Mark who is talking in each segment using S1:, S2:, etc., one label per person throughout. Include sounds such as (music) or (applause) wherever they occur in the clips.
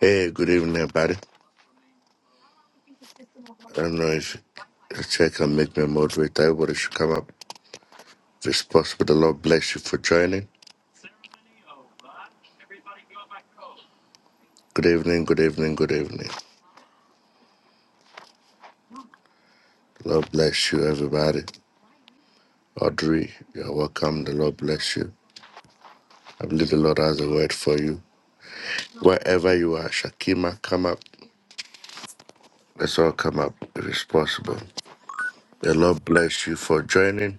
S1: Hey, good evening, everybody. I don't know if the chat can make me a moderator, but it should come up if it's possible. The Lord bless you for joining. Good evening, good evening, good evening. The Lord bless you, everybody. Audrey, you're welcome. The Lord bless you. I believe the Lord has a word for you. Wherever you are, Shakima, come up. Let's all come up if it's possible. The Lord bless you for joining.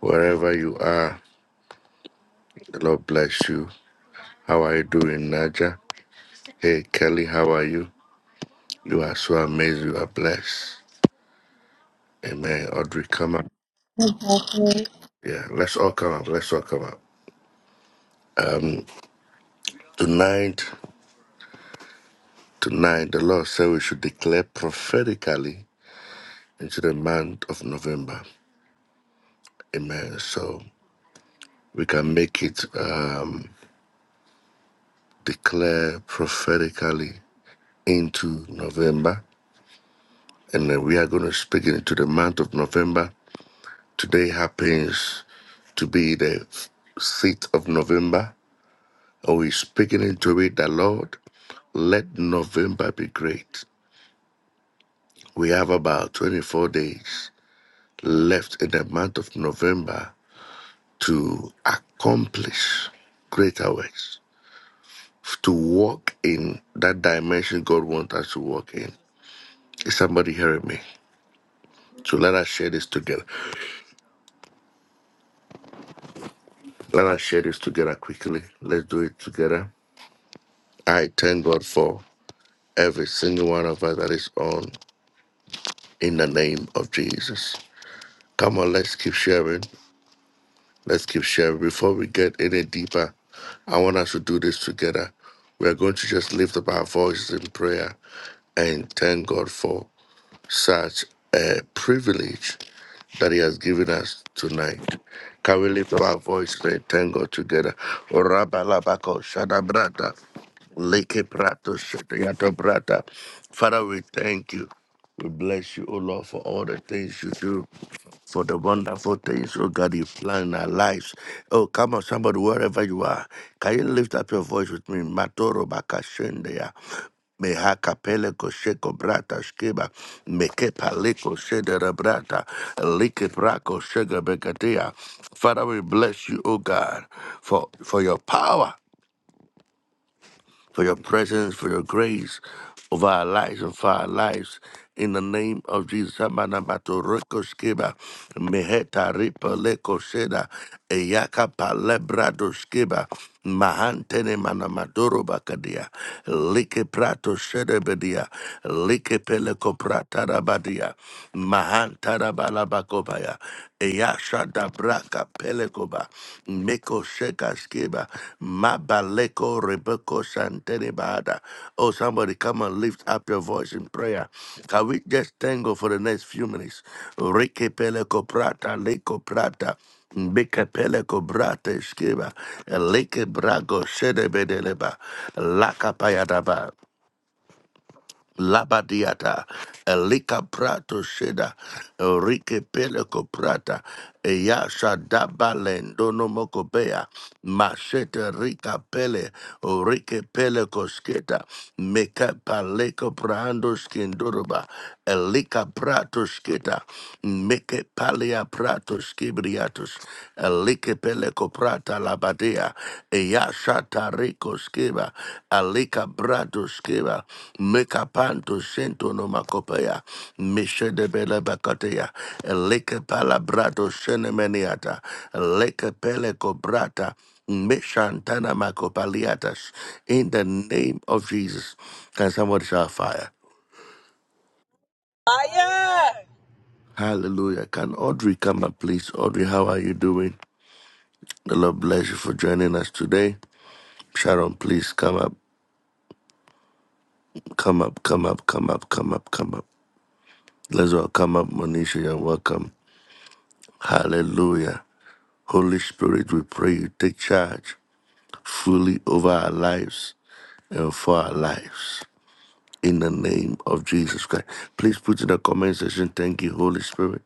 S1: Wherever you are, the Lord bless you. How are you doing, Naja? Hey, Kelly, how are you? You are so amazing. You are blessed. Amen. Audrey, come up.
S2: Fire.
S1: Yeah, let's all come up. Let's all come up. Tonight, tonight, the Lord said we should declare prophetically into the month of November. Amen. So we can make it um, declare prophetically into November. And then we are going to speak into the month of November. Today happens to be the 6th of November. And we're speaking into it, the Lord. Let November be great. We have about 24 days left in the month of November to accomplish greater works, to walk in that dimension God wants us to walk in. Is somebody hearing me? So let us share this together. Let us share this together quickly. Let's do it together. I thank God for every single one of us that is on in the name of Jesus. Come on, let's keep sharing. Let's keep sharing. Before we get any deeper, I want us to do this together. We are going to just lift up our voices in prayer and thank God for such a privilege that He has given us tonight. Can we lift up our voices and thank God together? Orabalabako shadabrata, lekeprato shadayato Brata, Father, we thank you. We bless you, O Lord, for all the things you do for the wonderful things, oh God, you plan in our lives. Oh, come on, somebody, wherever you are, can you lift up your voice with me? Matoro bakashendea. Meha kapele kosheko brata shkeba meke paleko shedera brata like brako shega begatea. Father, we bless you, O God, for for your power for your presence, for your grace over our lives and for our lives. In the name of Jesus, Amana Matoreko Skeba, Meheta Ripa Leko Seda, Eyaka Palebrado Skeba, Mahantene Manamadoro Bakadia, Like Prato Sedebedia, Like Peleco Pratarabadia, Mahantarabala Bakobaya. Eyasha Dabraka Pelekoba Meko Sheka Skeba Mabaleko Rebeko Santenebada. Oh somebody come and lift up your voice in prayer. Can we just tango for the next few minutes? Rike Peleko Prata Leko Prata Beke peleko brate skeba, leke brago sedebedeleba, laka payadaba. Labadiata, Elika Prato Sheda, Enrique Peleco Prata, Eyasha Dabalendo Nomokopea, Machete Rica Pele, rike Peleco Sketa, Meka Paleco Prando Skindoroba, Elika Prato Sketa, Meke Palea Prato Skibriatus, Kepele koprata labadea, eyashata rico skeba, alika brado skeba, meka sento no makopea, mishe de bele bakatea, eleke palabrado shenemeniata, eleke pele kobrata, mishantana makopaliatas, in the name of Jesus. Can somebody shout fire?
S3: Fire!
S1: Hallelujah. Can Audrey come up, please? Audrey, how are you doing? The Lord bless you for joining us today. Sharon, please come up. Come up, come up, come up, come up, come up. Let's all come up, Monisha. You're welcome. Hallelujah. Holy Spirit, we pray you take charge fully over our lives and for our lives. In the name of Jesus Christ. Please put in the comment section, thank you, Holy Spirit.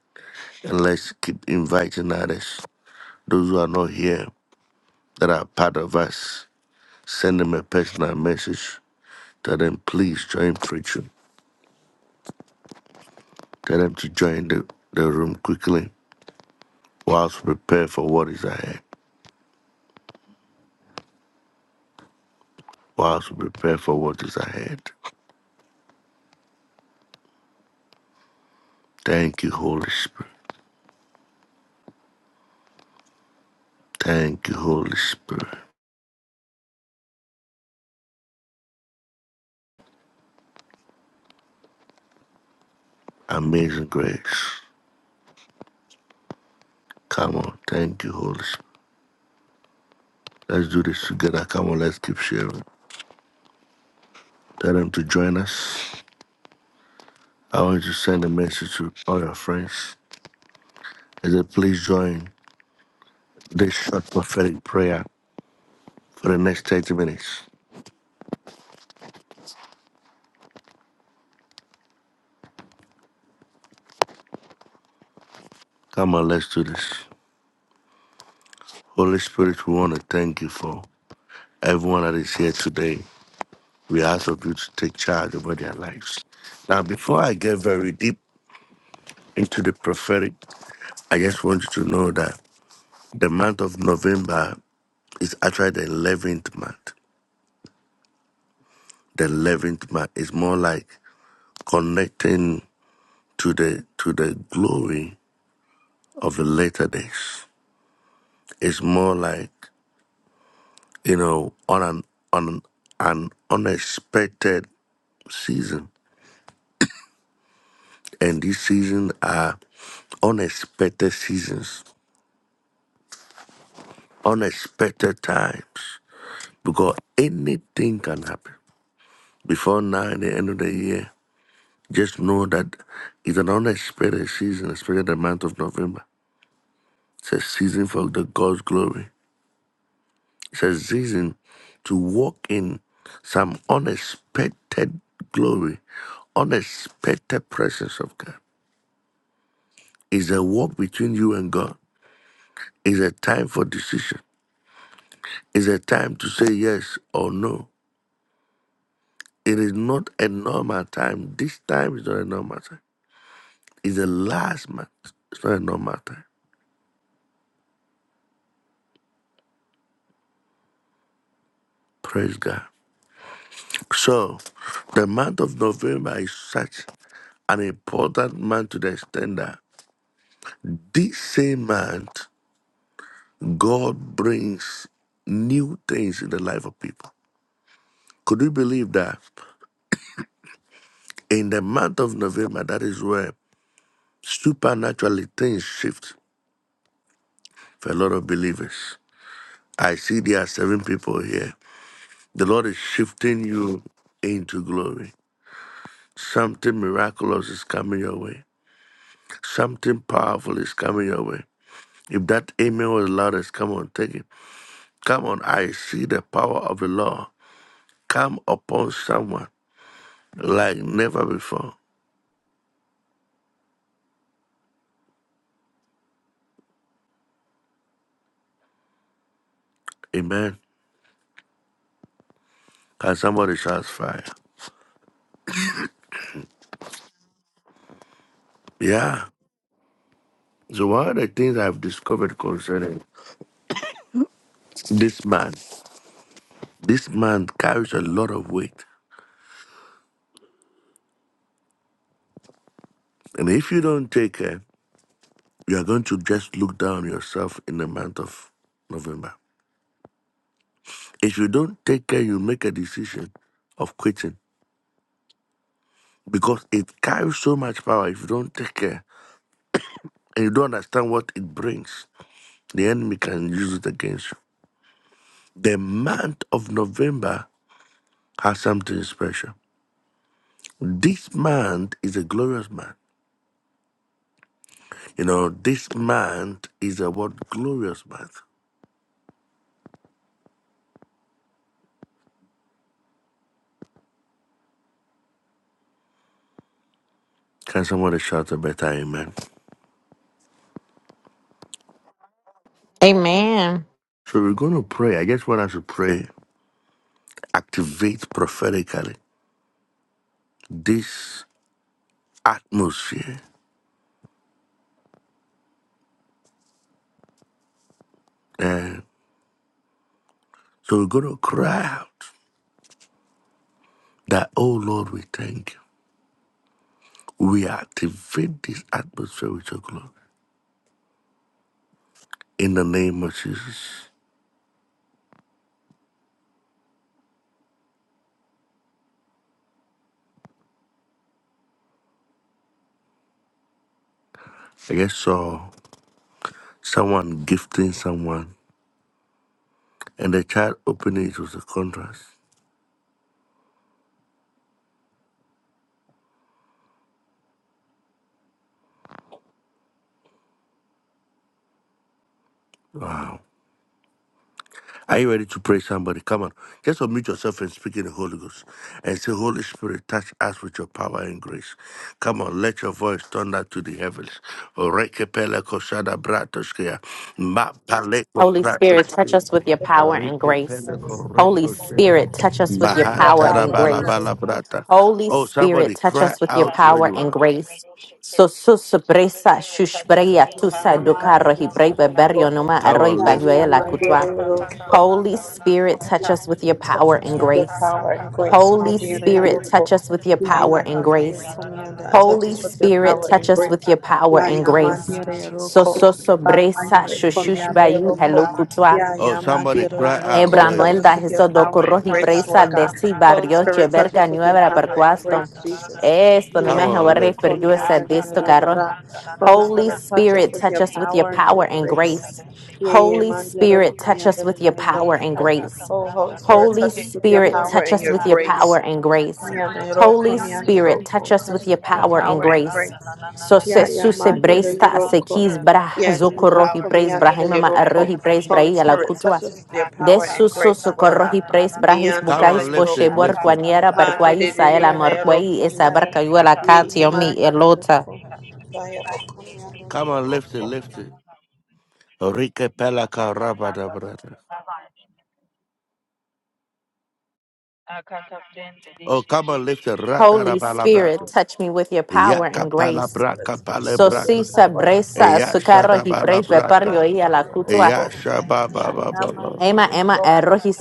S1: And let's keep inviting others. Those who are not here, that are part of us, send them a personal message. Tell them, please join preaching. Tell them to join the, the room quickly whilst we prepare for what is ahead, whilst we prepare for what is ahead. Thank you, Holy Spirit. Thank you, Holy Spirit. Amazing grace. Come on. Thank you, Holy Spirit. Let's do this together. Come on, let's keep sharing. Tell them to join us. I want you to send a message to all your friends. I said, please join this short prophetic prayer for the next 30 minutes. Come on, let's do this. Holy Spirit, we want to thank you for everyone that is here today. We ask of you to take charge over their lives. Now, before I get very deep into the prophetic, I just want you to know that the month of November is actually the 11th month. The 11th month is more like connecting to the to the glory of the later days. It's more like you know on an on an unexpected season, and these seasons are unexpected seasons. unexpected times because anything can happen. Before now, in the end of the year, just know that it's an unexpected season, especially the month of November. It's a season for the God's glory. It's a season to walk in some unexpected glory, unexpected presence of God. It's a walk between you and God. It's a time for decision. It's a time to say yes or no. It is not a normal time. This time is not a normal time. It's the last month. It's not a normal time. Praise God. So, the month of November is such an important month to the extent that this same month, God brings new things in the life of people. Could you believe that in the month of November, that is where supernaturally things shift for a lot of believers? I see there are seven people here The Lord is shifting you into glory. Something miraculous is coming your way. Something powerful is coming your way. If that amen was loudest, come on, take it. Come on, I see the power of the Lord come upon someone like never before. Amen. Can somebody shout fire? Yeah. So one of the things I've discovered concerning this man, this man carries a lot of weight. And if you don't take care, You are going to just look down on yourself in the month of November. If you don't take care, you make a decision of quitting because it carries so much power if you don't take care and you don't understand what it brings. The enemy can use it against you. The month of November has something special. This month is a glorious month. You know, this month is a what glorious month. Can somebody shout a better amen?
S4: Amen.
S1: So we're going to pray. I just want us to pray activate prophetically this atmosphere. And so we're going to cry out that, oh Lord, we thank you. We activate this atmosphere with your glory in the name of Jesus. I guess saw someone gifting someone, and the child opened it, it was a contrast. Wow. Are you ready to pray somebody? Come on. Just unmute yourself and speak in the Holy Ghost. And say, Holy Spirit, touch us with your power and grace. Come on, let your voice thunder to the heavens. Rekepele koshada bratoskea. Ma
S4: Holy Spirit, touch
S1: bratoskea.
S4: us with your power and grace.
S1: Rekepele
S4: Holy
S1: koreko seda.
S4: Spirit, touch us with your power
S5: Prakrata
S1: Mahantara
S4: and
S1: bala
S4: grace.
S1: bala brata.
S4: Holy
S1: Oh,
S4: Spirit,
S1: somebody
S4: touch
S1: cry
S4: us with your
S1: out where
S4: power
S1: you
S4: and
S1: are.
S4: grace. So so shushbreya tusa dokaro hibreba berio noma
S1: Come
S4: aroi
S1: on, lift it.
S4: baguela kutwa. Holy Spirit, touch us with your power and grace. Holy Spirit, touch us with your power and grace. Holy Spirit, touch us with your power and grace. So so sobresa shushushbayu hello
S1: Oh, somebody cry out
S5: do.
S1: where you
S4: Ebranuel da
S1: are.
S4: Jesús do
S5: It's
S4: corroji
S5: not
S4: presa de
S5: a matter
S4: si
S5: of how much you
S4: barrio
S5: love
S4: cheberca
S5: me. It's
S4: nueva
S5: not a matter of
S4: percuasto.
S5: how much
S4: Esto no
S5: you
S1: Come
S4: me
S5: care.
S1: on,
S4: jodere
S1: lift
S4: per
S1: it.
S5: It's
S4: yo ese
S5: not a
S4: disto
S5: matter
S4: carro.
S5: of how
S4: Holy
S5: much you want
S4: Spirit,
S5: me. It's
S4: touch us with your power
S5: not
S4: and
S5: a matter
S4: grace. Holy Spirit, touch us with your power and grace.
S5: of
S4: Holy Spirit, touch us with your power and
S5: how much
S4: grace. Holy
S5: you need me.
S4: Spirit, touch us with your
S5: Yeah,
S4: power and grace.
S5: Katapranda, na na na
S4: So
S5: na,
S4: se
S5: this
S4: suse
S5: feeling is the
S4: bresta
S5: breeze of
S4: se
S5: the
S4: kis
S5: earth,
S4: bra
S5: saturated with
S4: zokorohi
S5: power and
S4: praise
S5: grace and
S4: brahima ma
S5: light and the
S4: arohi
S5: mighty
S4: praise
S5: name of
S4: brahi ala
S5: Jesus.
S4: kutua.
S5: Ah, Katapranda,
S4: Desu
S5: na
S4: susu korohi
S5: na na
S4: praise
S5: na, those
S4: brahis
S5: young
S1: Come
S5: kids. Ah,
S4: bukais
S1: on, lift
S4: poshe
S1: it,
S4: bor
S1: lift it.
S4: kwaniera
S5: Katapranda, na
S4: barkwai
S5: na na na
S4: saela
S5: na na na.
S4: morkwai esa
S5: Eh,
S4: barkayuela katiomi
S5: Katapranda, those young
S4: elota.
S5: kids. Eh, Katapranda, na na
S1: Come
S5: na.
S1: on, lift it, lift it. Rike pelaka
S5: Katapranda,
S1: rabada
S5: those
S1: brada.
S5: young kids. Ah, Katapranda,
S1: Oh,
S5: this is
S1: come on,
S5: Jesus.
S1: lift it. Ratara
S4: Holy Spirit,
S1: balabrata.
S4: touch me with your power
S1: Yaka
S4: and grace.
S1: palabraka
S4: So si
S1: palabrata.
S4: se bresa su
S1: Yasha
S4: karo
S1: da
S4: hi praise
S1: balabrata.
S4: bepario i ala
S5: Fire!
S4: kutua.
S1: Yasha ba ba ba ba ba.
S4: Ema ema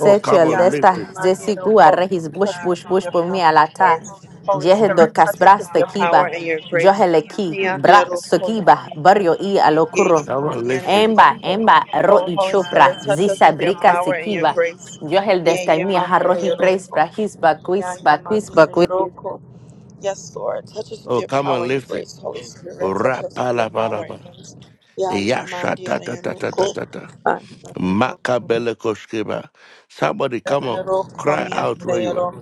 S1: Oh, come
S4: el
S1: on,
S4: desta
S1: lift it.
S4: zesigu arrehis bush bush bush bumi alata. Jehe do casbras tequiba. Joheleki bra sokiba barrio i alokuro.
S1: Come on, lift it.
S4: Emba emba ro i chopra zisa brica sekiba. Johel desta mi harrohi praise brahis baquis baquis baquis.
S1: Oh, come on, lift it. Rapala balaba. Yasha ta ta ta ta ta ta Makabele koskiba. Somebody, come on, cry out where you are.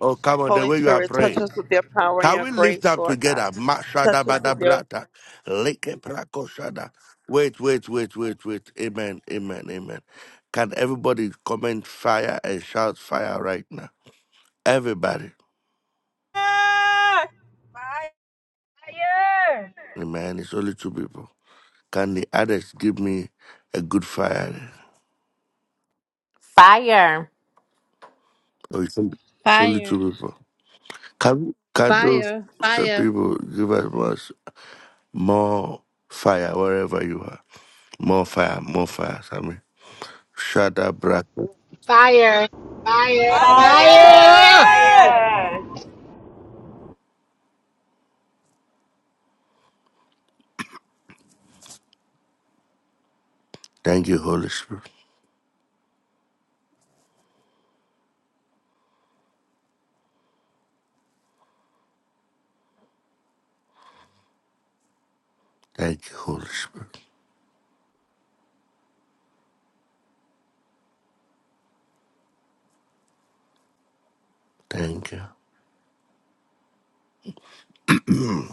S1: Oh, come on, the way you are praying. Can we lift up together? Mashada badabrata. Leke prakoshada. Wait, wait, wait, wait, wait. Amen, amen, amen. Can everybody comment fire and shout fire right now? Everybody.
S3: Fire!
S1: Amen. It's only two people. Can the others give me a good fire?
S4: Fire
S1: Oh, it's only it's only
S2: Fire.
S1: two people. Can, can those
S6: Fire, fire,
S1: people give us much more fire wherever you are? More fire, more fire, Sammy. Shada brata.
S7: Fire,
S3: Fire!
S7: fire,
S5: Fire!
S8: Fire,
S7: fire,
S3: Amen!
S8: fire,
S1: Thank you, Holy Spirit. Thank you, Holy Spirit. Thank you. (clears throat)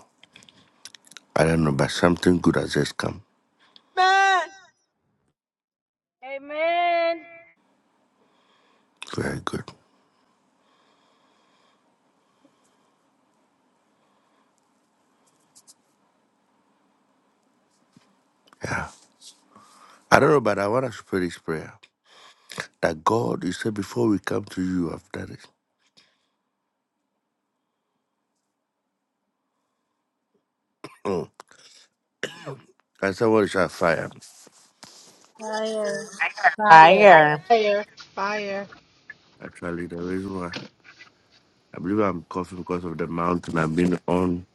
S1: I don't know, but something good has just come.
S5: Amen.
S1: Very good. Yeah. I don't know, but I want us to pray this prayer. That God, you said before we come to you, I've done it. Mm. I said, what is our fire?
S2: Fire.
S6: Fire.
S4: fire.
S5: Fire!
S7: fire, fire,
S1: Actually, the reason why I believe I'm coughing because of the mountain I've been on,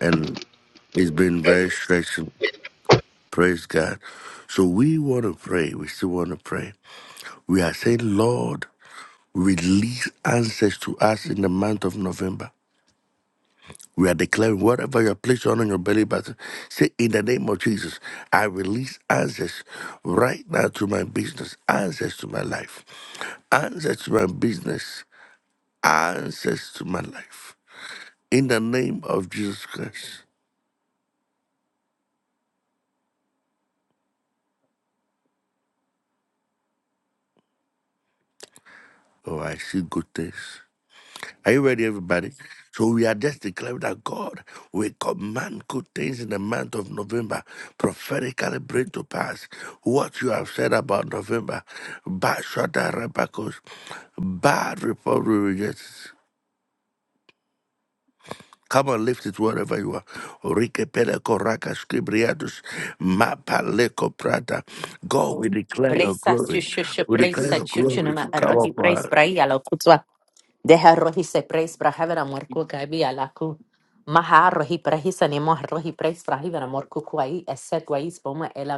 S1: and it's been very stretching. Praise God. So we want to pray. We still want to pray. We are saying, Lord, release answers to us in the month of November. We are declaring whatever you're placed on your belly button. Say, in the name of Jesus, I release answers right now to my business, answers to my life, answers to my business, answers to my life. In the name of Jesus Christ. Oh, I see good things. Are you ready, everybody? So we are just declaring that God will command good things in the month of November, prophetically bring to pass what you have said about November. Bad shudder, rebekahs, bad report we reject. Come on, lift it wherever you are. Orike pele koraka skibriatus, mapaleko prata. God, we declare your
S4: Brisa
S1: glory.
S4: shushush
S1: We declare
S4: brisa
S1: your glory to
S4: chuchunuma
S1: come
S4: arrohi
S1: upon
S4: praise
S1: us.
S4: brai alokutua. Deja arroz y se preis braja morku amor cuca vi a la cu. Maja arroz preis braja morku amor eset ahí ese guais poma el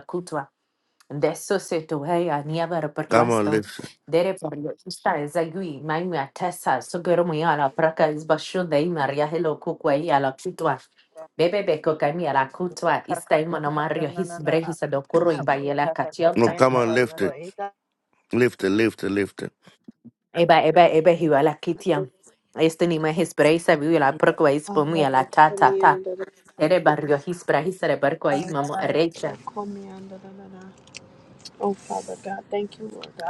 S4: De eso se tuve a nieve per
S1: Come on,
S4: cuesto.
S1: lift it.
S4: Dere por lo esta es agui, mai me atesa, so quiero muy a la praca es basho de ahí me a la cutua. Bebe beko kami a la cutua, esta y
S5: Kakakakanda
S4: monomario his
S5: nanana.
S4: brejis a docuro y
S5: Kakakakanda
S4: bayela
S5: nanana.
S1: No,
S4: cachiota.
S1: come
S5: Kakakakanda
S1: on, lift it.
S5: nanana.
S1: Lift it, lift it, lift it.
S4: Eba, eba, eba, hiwa la kitia. Este ni ma hispera isa viu la perko a ispomu ya la ta ta ta. Ere barrio hispera hisere de barco ahí, mamo recha.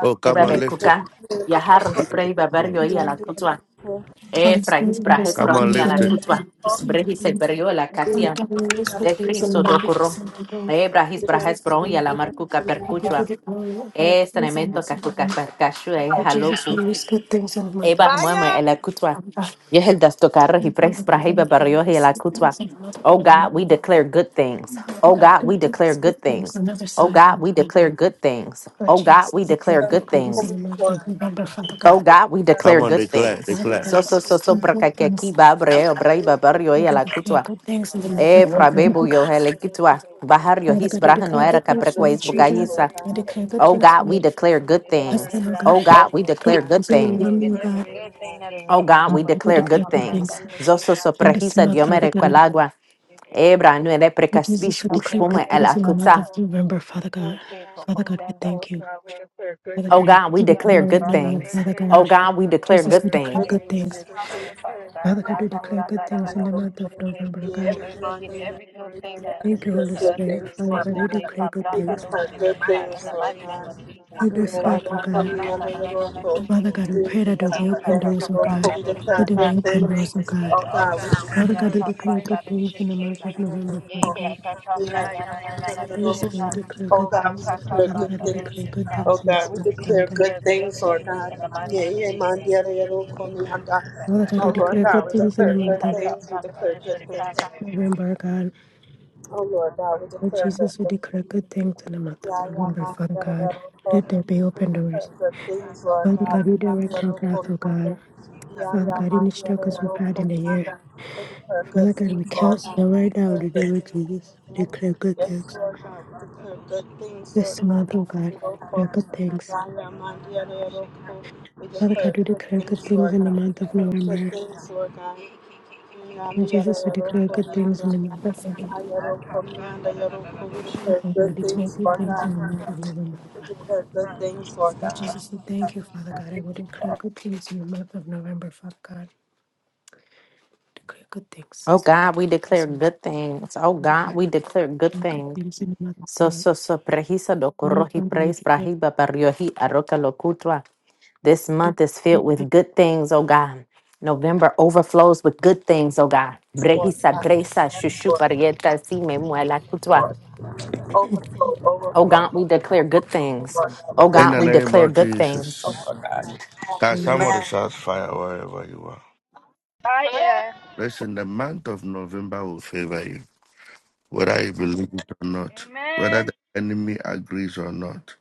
S1: Oh, come
S4: Eba be
S1: on, lift it.
S4: kuka. Ya harro hipra iba barrio ahí a la kutwa. E
S9: Holy
S4: fra
S9: Spirit, we
S4: hispera
S9: risk of
S1: Come
S4: hespera
S1: on,
S4: ni
S9: things
S4: a la
S9: and
S1: lift it.
S9: need
S4: kutwa.
S9: to proceed in
S4: Brehi se
S9: grace.
S4: barrio la
S9: From
S4: katia.
S9: God, we risk of
S4: De
S9: things and
S4: Cristo do
S9: need to
S4: corro.
S9: proceed in grace.
S4: Ebra
S9: But
S4: hispera
S9: Jesus,
S4: hespera ya
S9: we
S4: la
S9: give you
S4: marcuca
S9: I give you
S4: percuchua.
S9: the glory of our
S4: Este
S9: praise and
S4: elemento
S9: mercy for him.
S4: kakuka perkashu e
S9: For
S4: halo
S9: Jesus, we risk of things and need to
S4: Eba
S9: proceed.
S4: mama ela kutwa.
S9: From God,
S4: Yeheldas tokara hi
S9: we come
S4: pres
S9: with the
S4: prahiba
S9: thank you For
S4: barrio hi ela
S9: risk of
S4: kutwa.
S9: things and not of
S4: Oh God,
S9: them.
S4: we declare good things.
S9: Father
S4: Oh
S9: God,
S4: God, we
S9: good
S4: declare
S9: things, good
S4: good
S9: things,
S4: things.
S9: another
S4: Oh
S9: side
S4: God,
S9: of
S4: we
S9: God.
S4: declare good things.
S9: For
S4: Oh God,
S9: Jesus,
S4: we
S9: we pray
S4: declare
S9: good
S4: good
S9: things
S4: things.
S9: in the month of November, Father
S4: Oh
S9: God.
S4: God, we
S1: Come
S4: declare
S1: on, they
S4: good
S1: clap, they
S4: things.
S9: Father
S1: clap.
S4: So
S9: God, we
S4: so so so
S9: speak good
S4: prakakaki
S9: things.
S4: babre obraiba barrio hi
S9: Father, we
S4: ela
S9: declare
S4: kutwa.
S9: good things in
S5: Because
S9: the month
S4: E
S9: of
S5: that
S9: November, oh
S4: frabebu yo hele
S9: God.
S4: kutwa. Bahar
S9: Father
S4: his
S9: God, I
S4: braha no
S9: declare
S4: era
S9: good things for
S4: kaprekwa
S9: my children.
S4: bugayisa.
S9: I declare good
S4: Oh
S9: things for
S4: God, we
S9: my
S4: declare
S5: means
S4: good
S5: it's
S4: things.
S5: something
S9: husband, oh
S5: that
S4: Oh
S5: I'm doing
S4: God,
S9: God.
S4: we
S5: all the
S4: declare
S9: Good
S5: time.
S9: things
S4: good
S9: in my
S5: We
S4: things.
S5: will get
S9: family, oh
S5: every
S9: God.
S5: good thing that is
S4: Oh
S5: coming
S4: God,
S5: our
S4: we
S9: Um,
S5: way.
S9: We
S4: declare
S9: declare
S4: good
S9: good
S5: Sometimes
S4: things.
S5: I
S9: things
S5: think
S4: Zoso
S9: in this
S4: soprahisa
S9: month, Father
S4: diomere
S5: she's
S9: God.
S4: quelagua. Ebra nuere
S9: Lord Jesus,
S4: precaspish
S9: we declare
S4: bushbume
S9: good
S4: el
S9: things in the month
S4: akutsa.
S9: of
S5: not.
S9: November, Father
S5: Before
S9: God.
S5: we get to
S9: Father God, we
S5: Lord
S9: thank you.
S5: God, we declare good
S9: Father
S4: Oh
S9: God,
S5: things.
S9: we
S4: God,
S5: We
S4: we
S9: give you
S5: declare
S4: declare
S9: glory and
S4: good
S9: honor,
S4: things.
S5: good
S9: Father
S5: things,
S4: Oh
S9: God.
S4: God, we
S5: We
S4: declare
S9: Jesus,
S4: good
S9: we
S5: declare good
S9: declare
S4: things.
S9: good
S5: things. We
S9: things.
S5: declare good things, Lord
S9: Father God, we declare good
S5: God.
S9: things in the
S5: Lord
S9: month of November, oh God.
S5: God, we get every good every good thing that is
S9: Thank you,
S5: meant
S9: Holy
S5: to us and
S9: Spirit.
S5: we
S9: Father
S5: seek
S9: God, we
S5: that they we
S9: declare
S5: pop
S9: good
S5: down declare that
S9: things
S5: those shit in the mighty things, name of Lord God. Jesus.
S9: in this
S5: That
S9: month, oh
S5: God,
S9: God.
S5: pop God, down God, that God, God, God, those
S9: Father
S5: Lord.
S9: God,
S5: shit
S9: we pray that there will be
S5: yeah, declare
S9: open doors,
S5: Kaka
S9: oh
S5: good Kaplan, things,
S9: God.
S5: that don't God. We
S9: That
S5: shake
S9: there will be open doors, oh
S5: receive
S9: God.
S5: all good God, we things.
S9: Father
S5: That
S9: God,
S5: declare
S9: we
S5: God Kaplan,
S9: declare
S5: things.
S9: good
S5: that don't
S9: things in
S5: shake
S9: the
S5: her.
S9: month of November,
S5: Yeah,
S9: Father
S5: Yeah,
S9: God.
S5: Kaka Kaplan, yeah, that yeah, yeah, do
S9: Holy Spirit, declare
S5: Oh
S9: good things.
S5: God,
S9: Father God, we
S5: we
S9: declare
S5: declare good things.
S9: good things
S5: Oh
S9: in
S5: God,
S9: this
S5: we
S9: month,
S5: We
S9: Father
S5: declare
S9: God.
S5: declare good things. Oh God. In the mighty name of Jesus, oh God.
S9: Father
S5: Oh
S9: God, we declare good
S5: we
S9: things in
S5: declare good things.
S9: the
S5: We
S9: month of
S5: declare good things.
S9: November, God. Lord Jesus, we declare good things in the month of November, Father God. Let there be open doors. Father God, redirect our path, oh God. Father God, any struggles we've had in the year. Father God, we cancel them right now in the name of Jesus. We declare good things. This month, oh God, we declare good things. Father God, we declare good things in the month of November. Lord Jesus, we declare good things in the month of November. Father, we declare good things in the month of November. Lord Jesus, we thank you, Father God. I will declare good things in the month of November, Father God. Declare good things.
S4: Oh
S9: Declare
S4: God, we
S9: good
S4: declare
S9: things in the month
S4: good things. Oh
S9: of
S4: God, we
S9: November.
S4: declare good
S9: Declare good
S4: things.
S9: things in the month of
S4: So so
S9: November.
S4: so prehisa do
S9: Heavenly
S4: korohi
S9: Father, we
S4: praise
S9: declare
S4: prahiba pariohi aroka lokutra. This
S9: good
S4: month is
S9: things in the
S4: filled
S9: month
S4: with good things, oh God. November overflows with good things, oh God. Brehisa presa shushu parieta si me muela Oh God, we declare good things. Oh
S1: In
S4: God,
S1: the
S4: we
S1: name
S4: declare
S1: of
S4: good things.
S1: Jesus. Cast some of the shots fire wherever you are?
S5: I
S8: Yeah.
S1: Listen, the month of November will favor you, whether you believe it or not,
S5: am.
S1: whether
S5: Amen.
S1: the enemy agrees or not.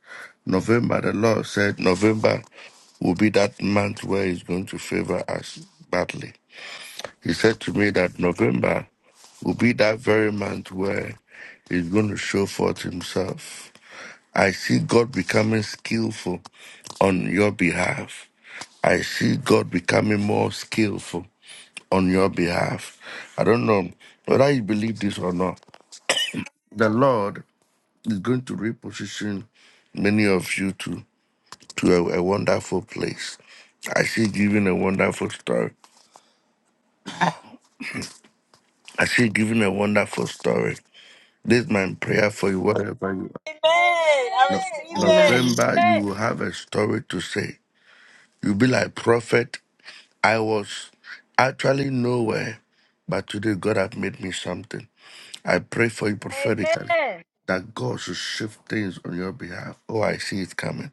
S1: November, the Lord said, November will be that month where He's going to favor us badly. He said to me that November will be that very month where He's going to show forth Himself. I see God becoming skillful on your behalf. I see God becoming more skillful on your behalf. I don't know whether you believe this or not. The Lord is going to reposition many of you to, to a, a wonderful place. I see giving a wonderful story. I see giving a wonderful story. This is my prayer for you, wherever you are.
S3: Amen! I
S1: No-
S3: receive it!
S1: November, you will have a story to say. You'll be like prophet I was actually nowhere, but today God has made me something. I pray for you prophetically that God should shift things on your behalf. Oh, I see it coming.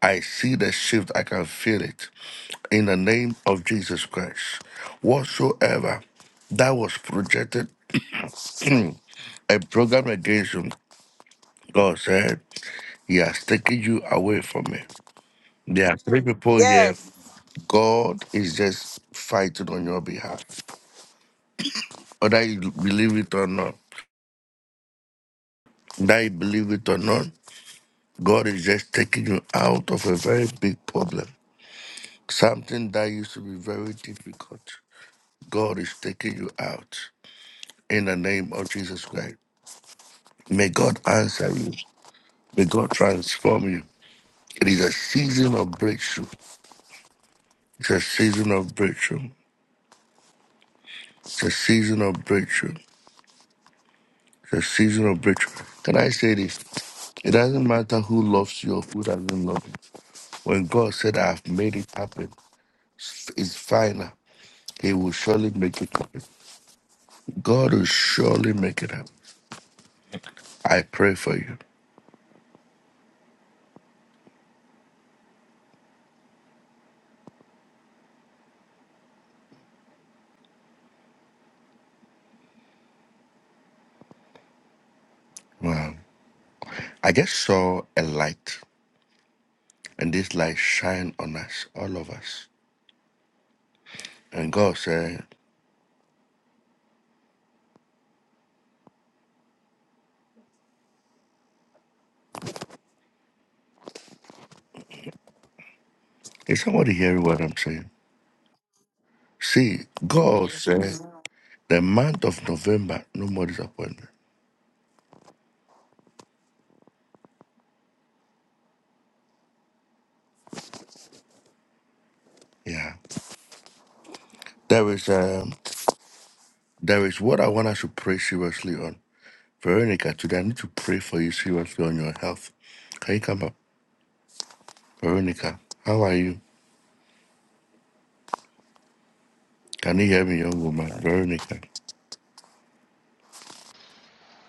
S1: I see the shift. I can feel it. In the name of Jesus Christ, whatsoever that was projected, (clears throat) a program against you, God said, He has taken you away from me. There are three people here. God is just fighting on your behalf. Whether you believe it or not. That you believe it or not, God is just taking you out of a very big problem. Something that used to be very difficult. God is taking you out in the name of Jesus Christ. May God answer you. May God transform you. It is a season of breakthrough. It's a season of breakthrough. It's a season of breakthrough. It's a season of breakthrough. Can I say this? It doesn't matter who loves you or who doesn't love you. When God said, I've made it happen, it's final. He will surely make it happen. God will surely make it happen. I pray for you. Wow. I just saw a light, and this light shine on us, all of us. And God said, Is somebody hearing what I'm saying? See, God
S4: Amen.
S1: said, the month of November, no more disappointment. Yeah. There is um there is what I want us to pray seriously on. Veronica, today I need to pray for you seriously on your health. Can you come up? Veronica, how are you? Can you hear me, young woman? Veronica.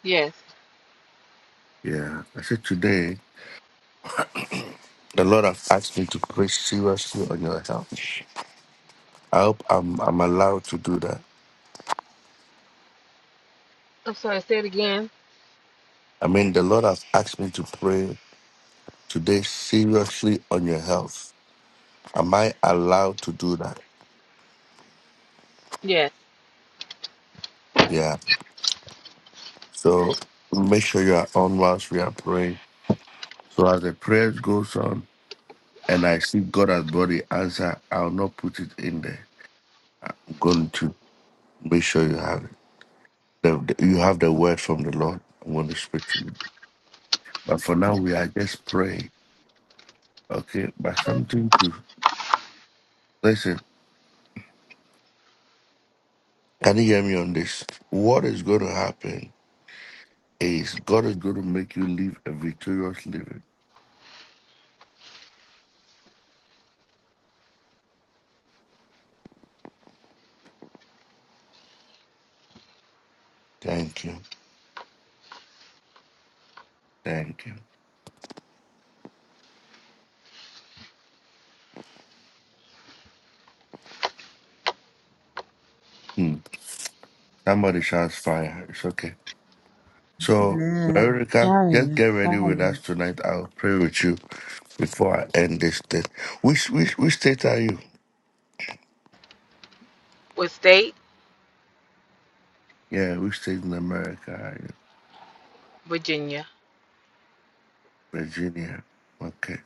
S10: Yes.
S1: Yeah, I said today the Lord have asked me to pray seriously on your account. I hope I'm I'm allowed to do that.
S10: I'm sorry, say it again.
S1: I mean, the Lord has asked me to pray today seriously on your health. Am I allowed to do that?
S10: Yes.
S1: Yeah. So make sure you are on whilst we are praying. So as the prayer goes on, and I see God has brought the answer, I'll not put it in there. I'm going to make sure you have it. The, the- you have the word from the Lord. I'm going to speak to you. But for now, we are just praying. Okay, but something to listen. Can you hear me on this? What is going to happen is God is going to make you live a victorious living. Thank you. Thank you. Hmm. Somebody shouts fire. It's okay. So,
S11: Amen.
S1: Veronica, just
S11: Fire,
S1: get ready with
S11: fire.
S1: us tonight. I'll pray with you before I end this thing. Which, which, which state are you?
S10: What state?
S1: Yeah, which state in America are you?
S10: Virginia.
S1: Virginia. Okay.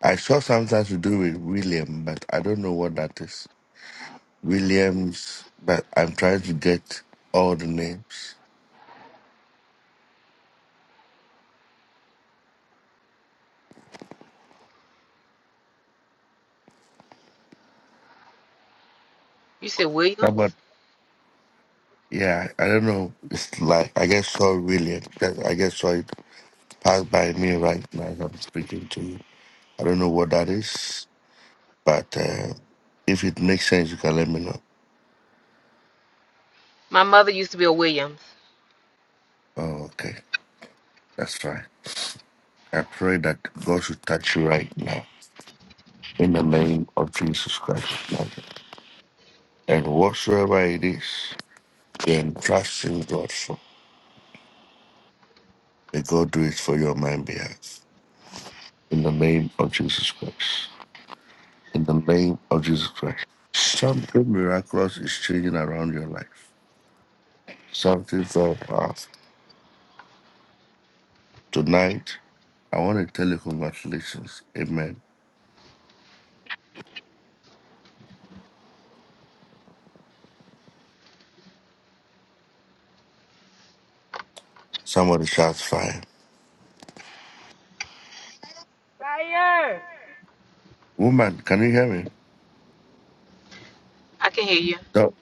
S1: I saw sometimes you do with William, but I don't know what that is. Williams, but I'm trying to get all the names.
S10: You said
S1: No, But
S10: Williams?
S1: yeah, I don't know. It's like I guess sorry, Williams. That- I guess so, it passed by me right now. as I'm speaking to you. I don't know what that is, but uh, if it makes sense, you can let me know.
S10: My mother used to be a Williams.
S1: Oh, okay, that's fine. I pray that God should touch you right now in the name of Jesus Christ. of Nazareth. And whatsoever it is, then trust in God for. May God do it for your mind' behalf. in the name of Jesus Christ. In the name of Jesus Christ. Something miraculous is changing around your life. Something very powerful. Tonight, I want to tell you congratulations. Amen. Somebody shouts fire.
S5: Fire.
S1: Woman, can you hear me?
S10: I can hear you.
S1: The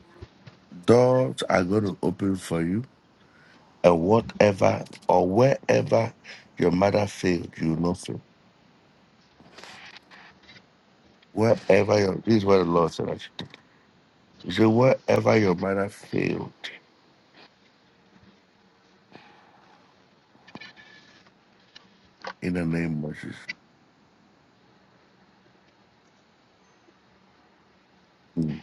S1: doors are going to open for you. And whatever or wherever your mother failed, you will not fail. Wherever your, this is what the Lord said. I should do. He said, wherever your mother failed, in the name of Jesus. Mm.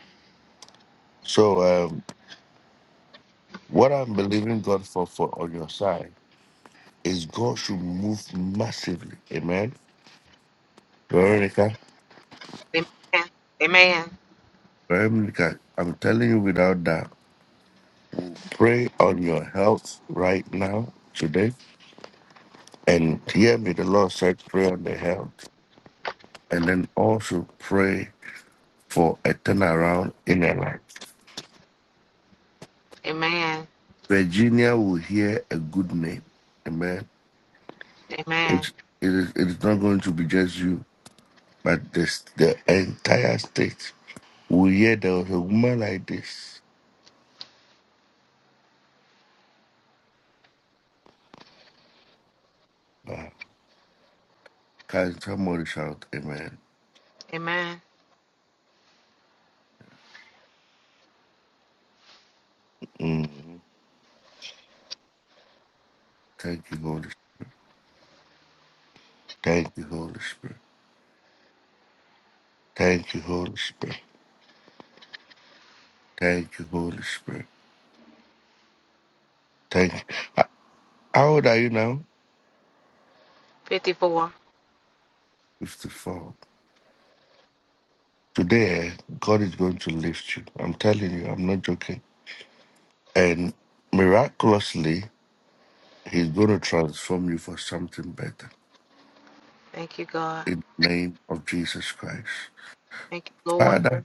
S1: So, um, What I'm believing God for for on your side is God should move massively. Amen. Veronica,
S10: Amen. Amen.
S1: Veronica, I'm telling you without doubt, pray on your health right now, today. And hear me, the Lord said, pray on the health. And then also pray for a turnaround in her life.
S10: Amen.
S1: Virginia will hear a good name. Amen.
S10: Amen.
S1: It's, it, is, it is not going to be just you, but this, the entire state. Well, yeah, there was a woman like this. Wow. Can somebody shout amen?
S10: Amen.
S1: mm Thank you, Holy Spirit. Thank you, Holy Spirit. Thank you, Holy Spirit. Thank you, Holy Spirit. Thank you. H- How old are you now?
S10: 54.
S1: 54. Today, God is going to lift you. I'm telling you, I'm not joking. And miraculously, He's going to transform you for something better.
S10: Thank you, God.
S1: In the name of Jesus Christ.
S10: Thank you, Lord.
S1: Father,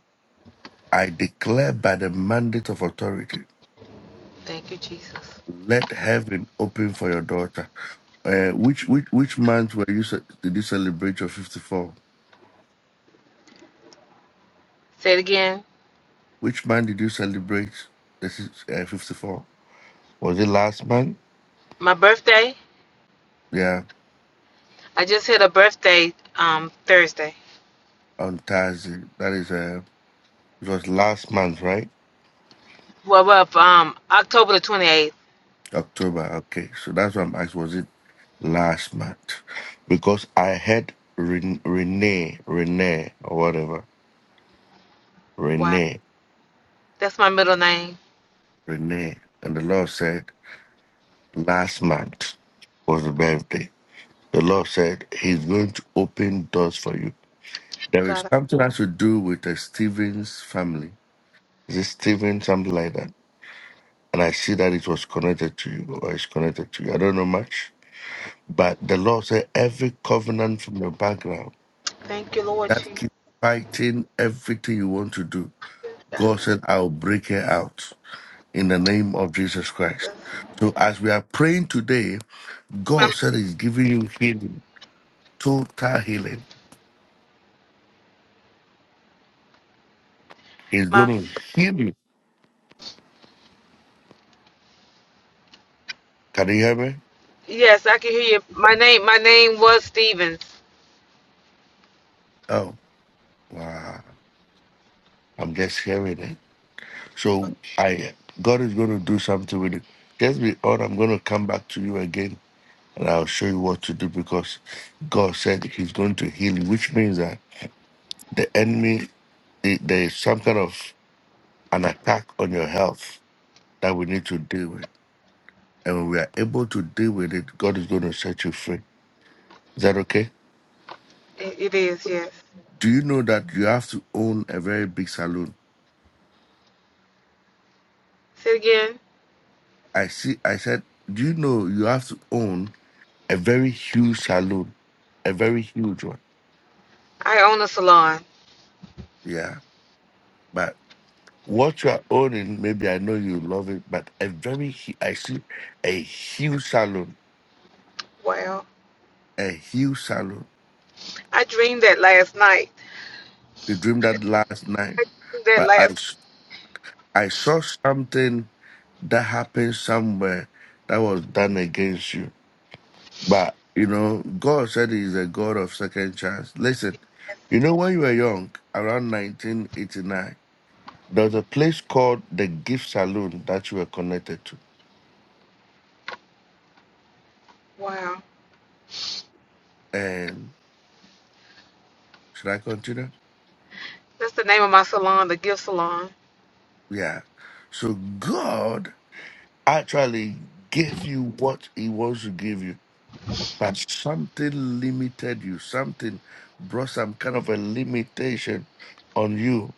S1: I declare by the mandate of authority
S10: Thank you, Jesus.
S1: Let heaven open for your daughter. Uh, which which which month were you ce- did you celebrate your fifty four?
S10: Say it again.
S1: Which month did you celebrate this is uh, fifty four? Was it last month?
S10: My birthday?
S1: Yeah,
S10: I just had a birthday um Thursday.
S1: on Thursday. That is uh, it was last month, right?
S10: Well, well um October the 28th.
S1: October. Okay, so that's what I'm asking. Was it last month? Because I had Ren- Renee, Renee, or whatever,
S10: Wow.
S1: Renee,
S10: That's my middle name.
S1: Renee, and the Lord said last month was the birthday. The Lord said He's going to open doors for you. There is
S10: God,
S1: something has to do with the Stevens family. Is it Steven, something like that? And I see that it was connected to you or it's connected to you. I don't know much. But the Lord said every covenant from your background
S10: I thank you, Lord
S1: that
S10: Jesus.
S1: keeps fighting everything you want to do, God said, I'll break it out in the name of Jesus Christ. So as we are praying today,
S10: My,
S1: God said He's giving you healing, total healing. He's
S10: my
S1: going to heal you Can you hear me?
S10: Yes, I can hear you. My name, my name was Stevens.
S1: Oh, wow. I'm just hearing it. So I, God is going to do something with it. Just be on. I'm going to come back to you again, and I'll show you what to do because God said He's going to heal you, which means that the enemy, the- there is some kind of an attack on your health that we need to deal with, and when we are able to deal with it, God is going to set you free. Is that okay?
S10: It, it is, yes.
S1: Do you know that you have to own a very big saloon?
S10: Say it again.
S1: I see. I said, do you know you have to own? a very huge saloon, a very huge one.
S10: I own a salon.
S1: Yeah. But what you are owning, maybe I know you love it, but a very, hu- I see a huge saloon,
S10: Wow.
S1: a huge saloon.
S10: I dreamed that last night.
S1: You dreamed that last night,
S10: I dreamed that
S1: but I,
S10: last.
S1: s- I saw something that happened somewhere that was done against you. But, you know, God said He's a God of second chance. Listen,
S10: night.
S1: you know, when you were young, around 1989, There's a place called the Gift Saloon that you were connected to.
S10: Wow.
S1: And should I continue?
S10: That's the name of my salon, the Gift Salon.
S1: Yeah. So God actually gave you what He wants to give you, but something limited you. Something brought some kind of a limitation on you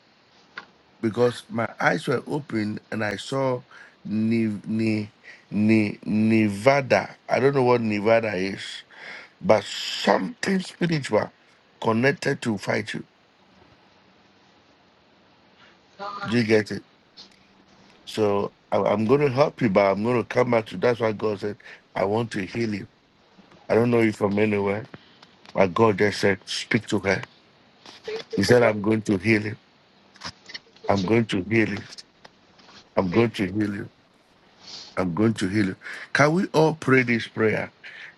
S1: because my eyes were open and I saw Ni, Ni, Ni, Nevada. I don't know what Nevada is, but something spiritual connected to fight you
S10: Lord,
S1: Do you get it? So I, I'm going to help you, but I'm going to come back to that's why God said, I want to heal you. I don't know you from anywhere, but God just said, Speak to her.
S10: thank you,
S1: He said,
S10: Lord.
S1: I'm going to heal you. I'm going to heal you. I'm
S10: Thank
S1: going
S10: you.
S1: to heal you. I'm going to heal you. Can we all pray this prayer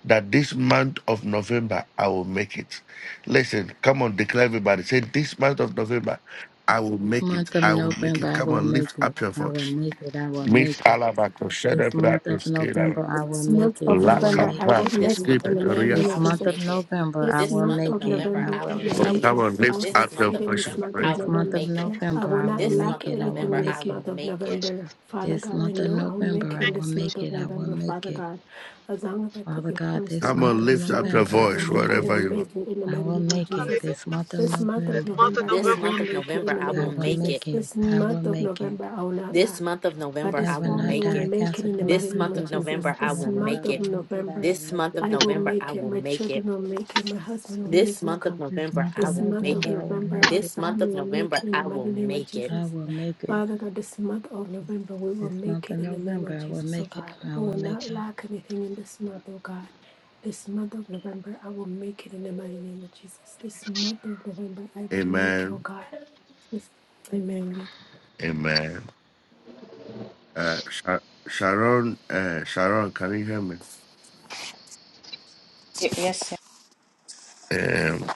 S1: that this month of November, I will make it? Listen, come on, declare everybody. Say, This month of November, I will make it.
S11: Month of
S1: I will make
S11: November,
S1: it.
S11: I
S1: Come
S11: will
S1: on, lift
S11: make it.
S1: up your
S11: I will
S1: voice.
S11: make it. I will
S1: Miss
S11: make it.
S1: Alabato,
S11: This month of
S1: shut up,
S11: November, I will make it.
S9: of
S11: I
S1: Lack
S11: will
S9: November.
S1: of
S9: I
S11: make
S9: will
S11: it.
S1: practice,
S9: make
S4: This month
S1: keep
S9: in
S4: of
S1: it
S9: the
S4: November,
S1: real.
S9: name
S11: This
S4: I
S9: of
S4: will
S11: month
S9: Jesus.
S11: of
S4: make it.
S11: November, I
S9: This
S4: This
S11: will
S9: month
S4: month of
S9: of
S11: make it.
S4: November,
S11: I
S9: November,
S4: I
S9: I
S11: will
S4: will
S9: will
S11: make
S1: Come
S4: make
S9: make
S11: it.
S4: it.
S9: it.
S1: on,
S9: I will
S1: lift
S4: This
S1: up your
S4: month
S9: succeed
S4: of
S9: in
S1: voice
S9: this
S4: November,
S1: and
S9: month
S1: pray.
S4: I
S9: of
S11: This
S4: will
S11: month of
S9: November.
S4: make it.
S9: I
S11: November,
S9: will
S11: I
S9: not
S11: will
S4: This
S11: make
S9: lack
S4: month of
S11: it. I will
S9: anything
S4: November,
S9: in
S4: I
S9: this
S11: make
S4: will
S11: it.
S9: month of
S4: make it.
S9: November. Father
S11: This
S9: God, I
S11: month of
S9: know I'll make
S11: November,
S9: it
S11: I
S9: in
S11: will
S9: this month
S11: make
S9: of
S11: it. I will
S9: November,
S11: make
S9: Father
S11: it.
S9: God. As long as I put
S11: Father
S9: you
S11: God,
S9: first, oh
S11: this
S1: Come
S11: month
S9: God,
S1: on,
S11: of
S9: this
S1: lift up
S9: month
S1: your
S11: November,
S9: of
S11: I will
S1: voice
S9: November, I
S11: make it.
S9: will
S1: wherever you are.
S9: make it in the
S11: I
S9: mighty
S11: will
S9: name of
S11: make it.
S9: Jesus.
S10: Hallelujah.
S11: This month of
S9: This month of
S10: This month
S11: November,
S10: of
S9: November, I
S4: This
S10: November.
S9: will
S4: month of
S9: make it in
S4: November,
S9: the
S4: I
S9: name
S11: I
S4: will
S9: of
S11: will
S4: make it.
S9: Jesus.
S11: make it.
S9: This
S11: I will
S9: month of
S11: make it.
S9: November, I will not lack
S4: This month of
S9: but
S4: November,
S11: I
S9: this
S4: I
S11: will
S4: will
S11: not
S9: family will
S4: make
S11: die. I
S4: it.
S9: make it
S11: cancel
S9: in the mighty
S4: This
S11: premature
S9: name
S4: month
S9: of
S4: of
S11: death this
S9: Jesus.
S4: November,
S11: month of
S4: I
S9: This
S4: will
S9: month
S11: November.
S4: make
S11: I
S9: of
S11: will
S4: it.
S11: make it. I
S9: November,
S11: will
S4: This
S11: make
S4: month
S11: it.
S9: I
S4: of
S11: I
S9: will
S4: November, I
S9: make it.
S4: will
S9: My
S4: make it.
S9: children will make it. My husband will make
S4: This
S9: it.
S4: month of
S11: make
S9: God.
S11: it. This
S4: November,
S11: month
S4: I
S11: of
S9: This
S4: will
S9: month
S4: make
S9: of
S4: it.
S11: November, I will
S9: November,
S11: make
S9: our
S4: This
S11: it.
S4: month
S9: family
S4: of
S9: will make it
S4: November,
S9: in
S4: I
S9: the
S4: will
S9: mighty name of
S4: make it.
S11: I
S9: Jesus.
S11: will make it.
S9: Father God, this month of November, we will
S11: This
S9: make
S11: month of
S9: it in the name of
S11: November, I will
S9: Jesus, oh
S11: make it.
S9: God.
S11: I
S9: We
S11: will
S9: will
S11: make
S9: not
S11: it.
S9: lack anything in this month, oh God. This month of November, I will make it in the mighty name of Jesus. This month of November, I will make it, oh
S1: Amen.
S9: God. Yes. Amen.
S1: Amen. Uh, Sha- Sharon, uh, Sharon, can you hear me?
S12: Y- Yes, yeah.
S1: Um,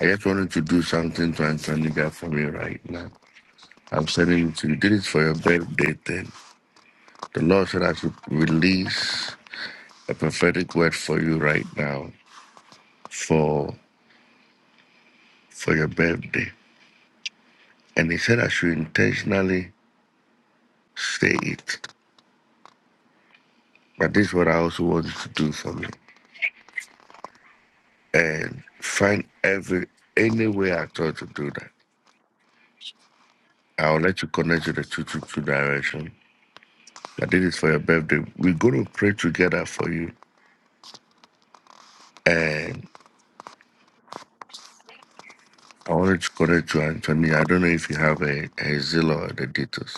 S1: I just wanted to do something to Antonica for me right now. I'm sending it to you. Did it for your birthday thing. The Lord said I should release a prophetic word for you right now for for your birthday. And he said I should intentionally say it. But this is what I also want you to do for me. And find every any way I thought to do that. I'll let you connect to the two two two direction. I did this for your birthday. We're gonna pray together for you. And I wanted to connect to Anthony. I don't know if you have a, a Zillow or the details.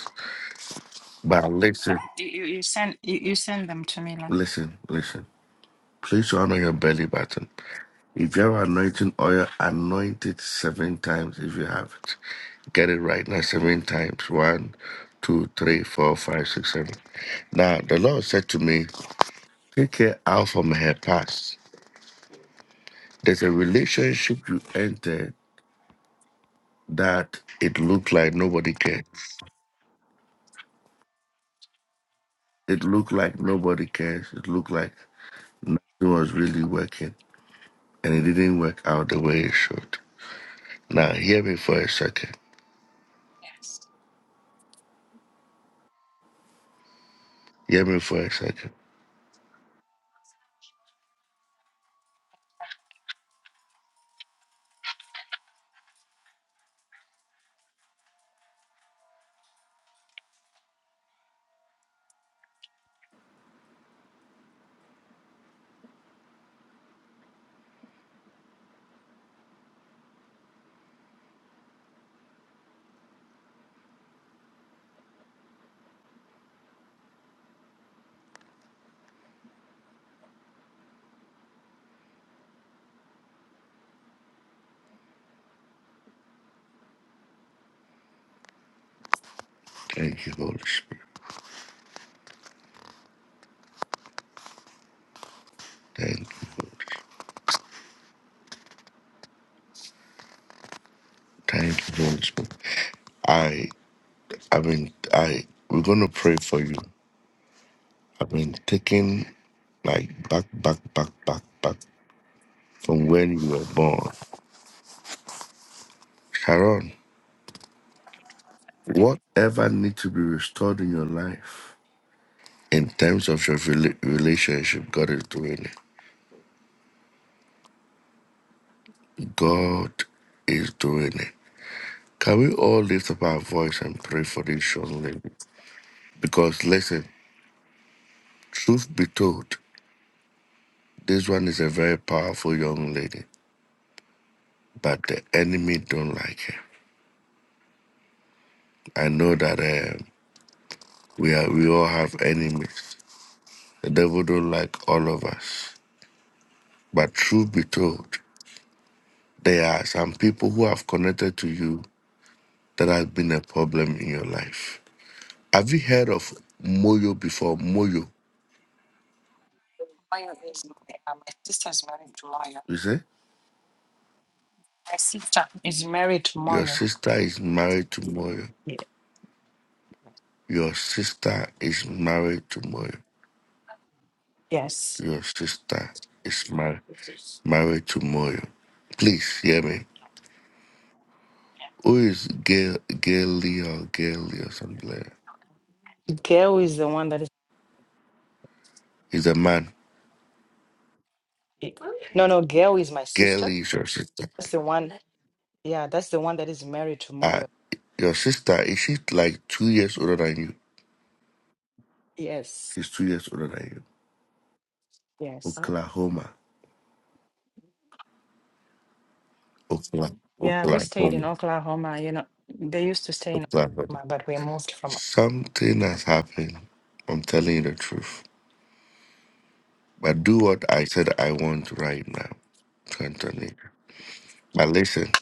S1: But listen,
S12: You, you you send you, you send them to me like
S1: listen, listen. Please honor your belly button. If you have anointing oil, anoint it seven times if you have it. Get it right now seven times. One, two, three, four, five, six, seven. Now, the Lord said to me, Take her out from her past. There's a relationship you enter that it looked like nobody cares. It looked like nobody cares. It looked like it was really working and it didn't work out the way it should. Now, hear me for a second. Hear me for a second. Thank you, Holy Spirit. Thank you. Holy Spirit. Thank you, Holy Spirit. I, I been, I, we're gonna pray for you. I've been taking like back, back, back, back, back from when you were born, Sharon. Whatever needs to be restored in your life, in terms of your rela- relationship, God is doing it. God is doing it. Can we all lift up our voice and pray for this young lady? Because listen, truth be told, this one is a very powerful young lady. but the enemy don't like it. I know that uh, we are we all have enemies. The devil don't like all of us. But truth be told, there are some people who have connected to you that has been a problem in your life. Have you heard of Moyo before? Moyo,
S12: Moyo is my, uh, my sister is married to Moyo.
S1: you say
S12: My sister is married to
S1: your
S12: Moyo.
S1: sister is married to Moyo.
S12: Ye-
S1: Your sister is married to Moyo.
S12: Yes.
S1: Your sister is married married to Moyo. Please hear me Who is Gal Galileo or Galileo or something like that?
S12: Gail is the one that is
S1: He's a man.
S12: i- no no Gail is my sister.
S1: Galileo is your sister.
S12: That's the one yeah, that's the one that is married to
S1: Uh,
S12: Moyo.
S1: your sister is she like two years older than you?
S12: Yes.
S1: She's two years older than you.
S12: Yes.
S1: Oklahoma. Oklahoma.
S12: Yeah, we stayed
S1: Oklahoma.
S12: in Oklahoma, you know. They used to stay in
S1: Oklahoma.
S12: Oklahoma, but we moved from
S1: Something has happened. I'm telling you the truth. But do what I said I want right now. to Anthony. But listen,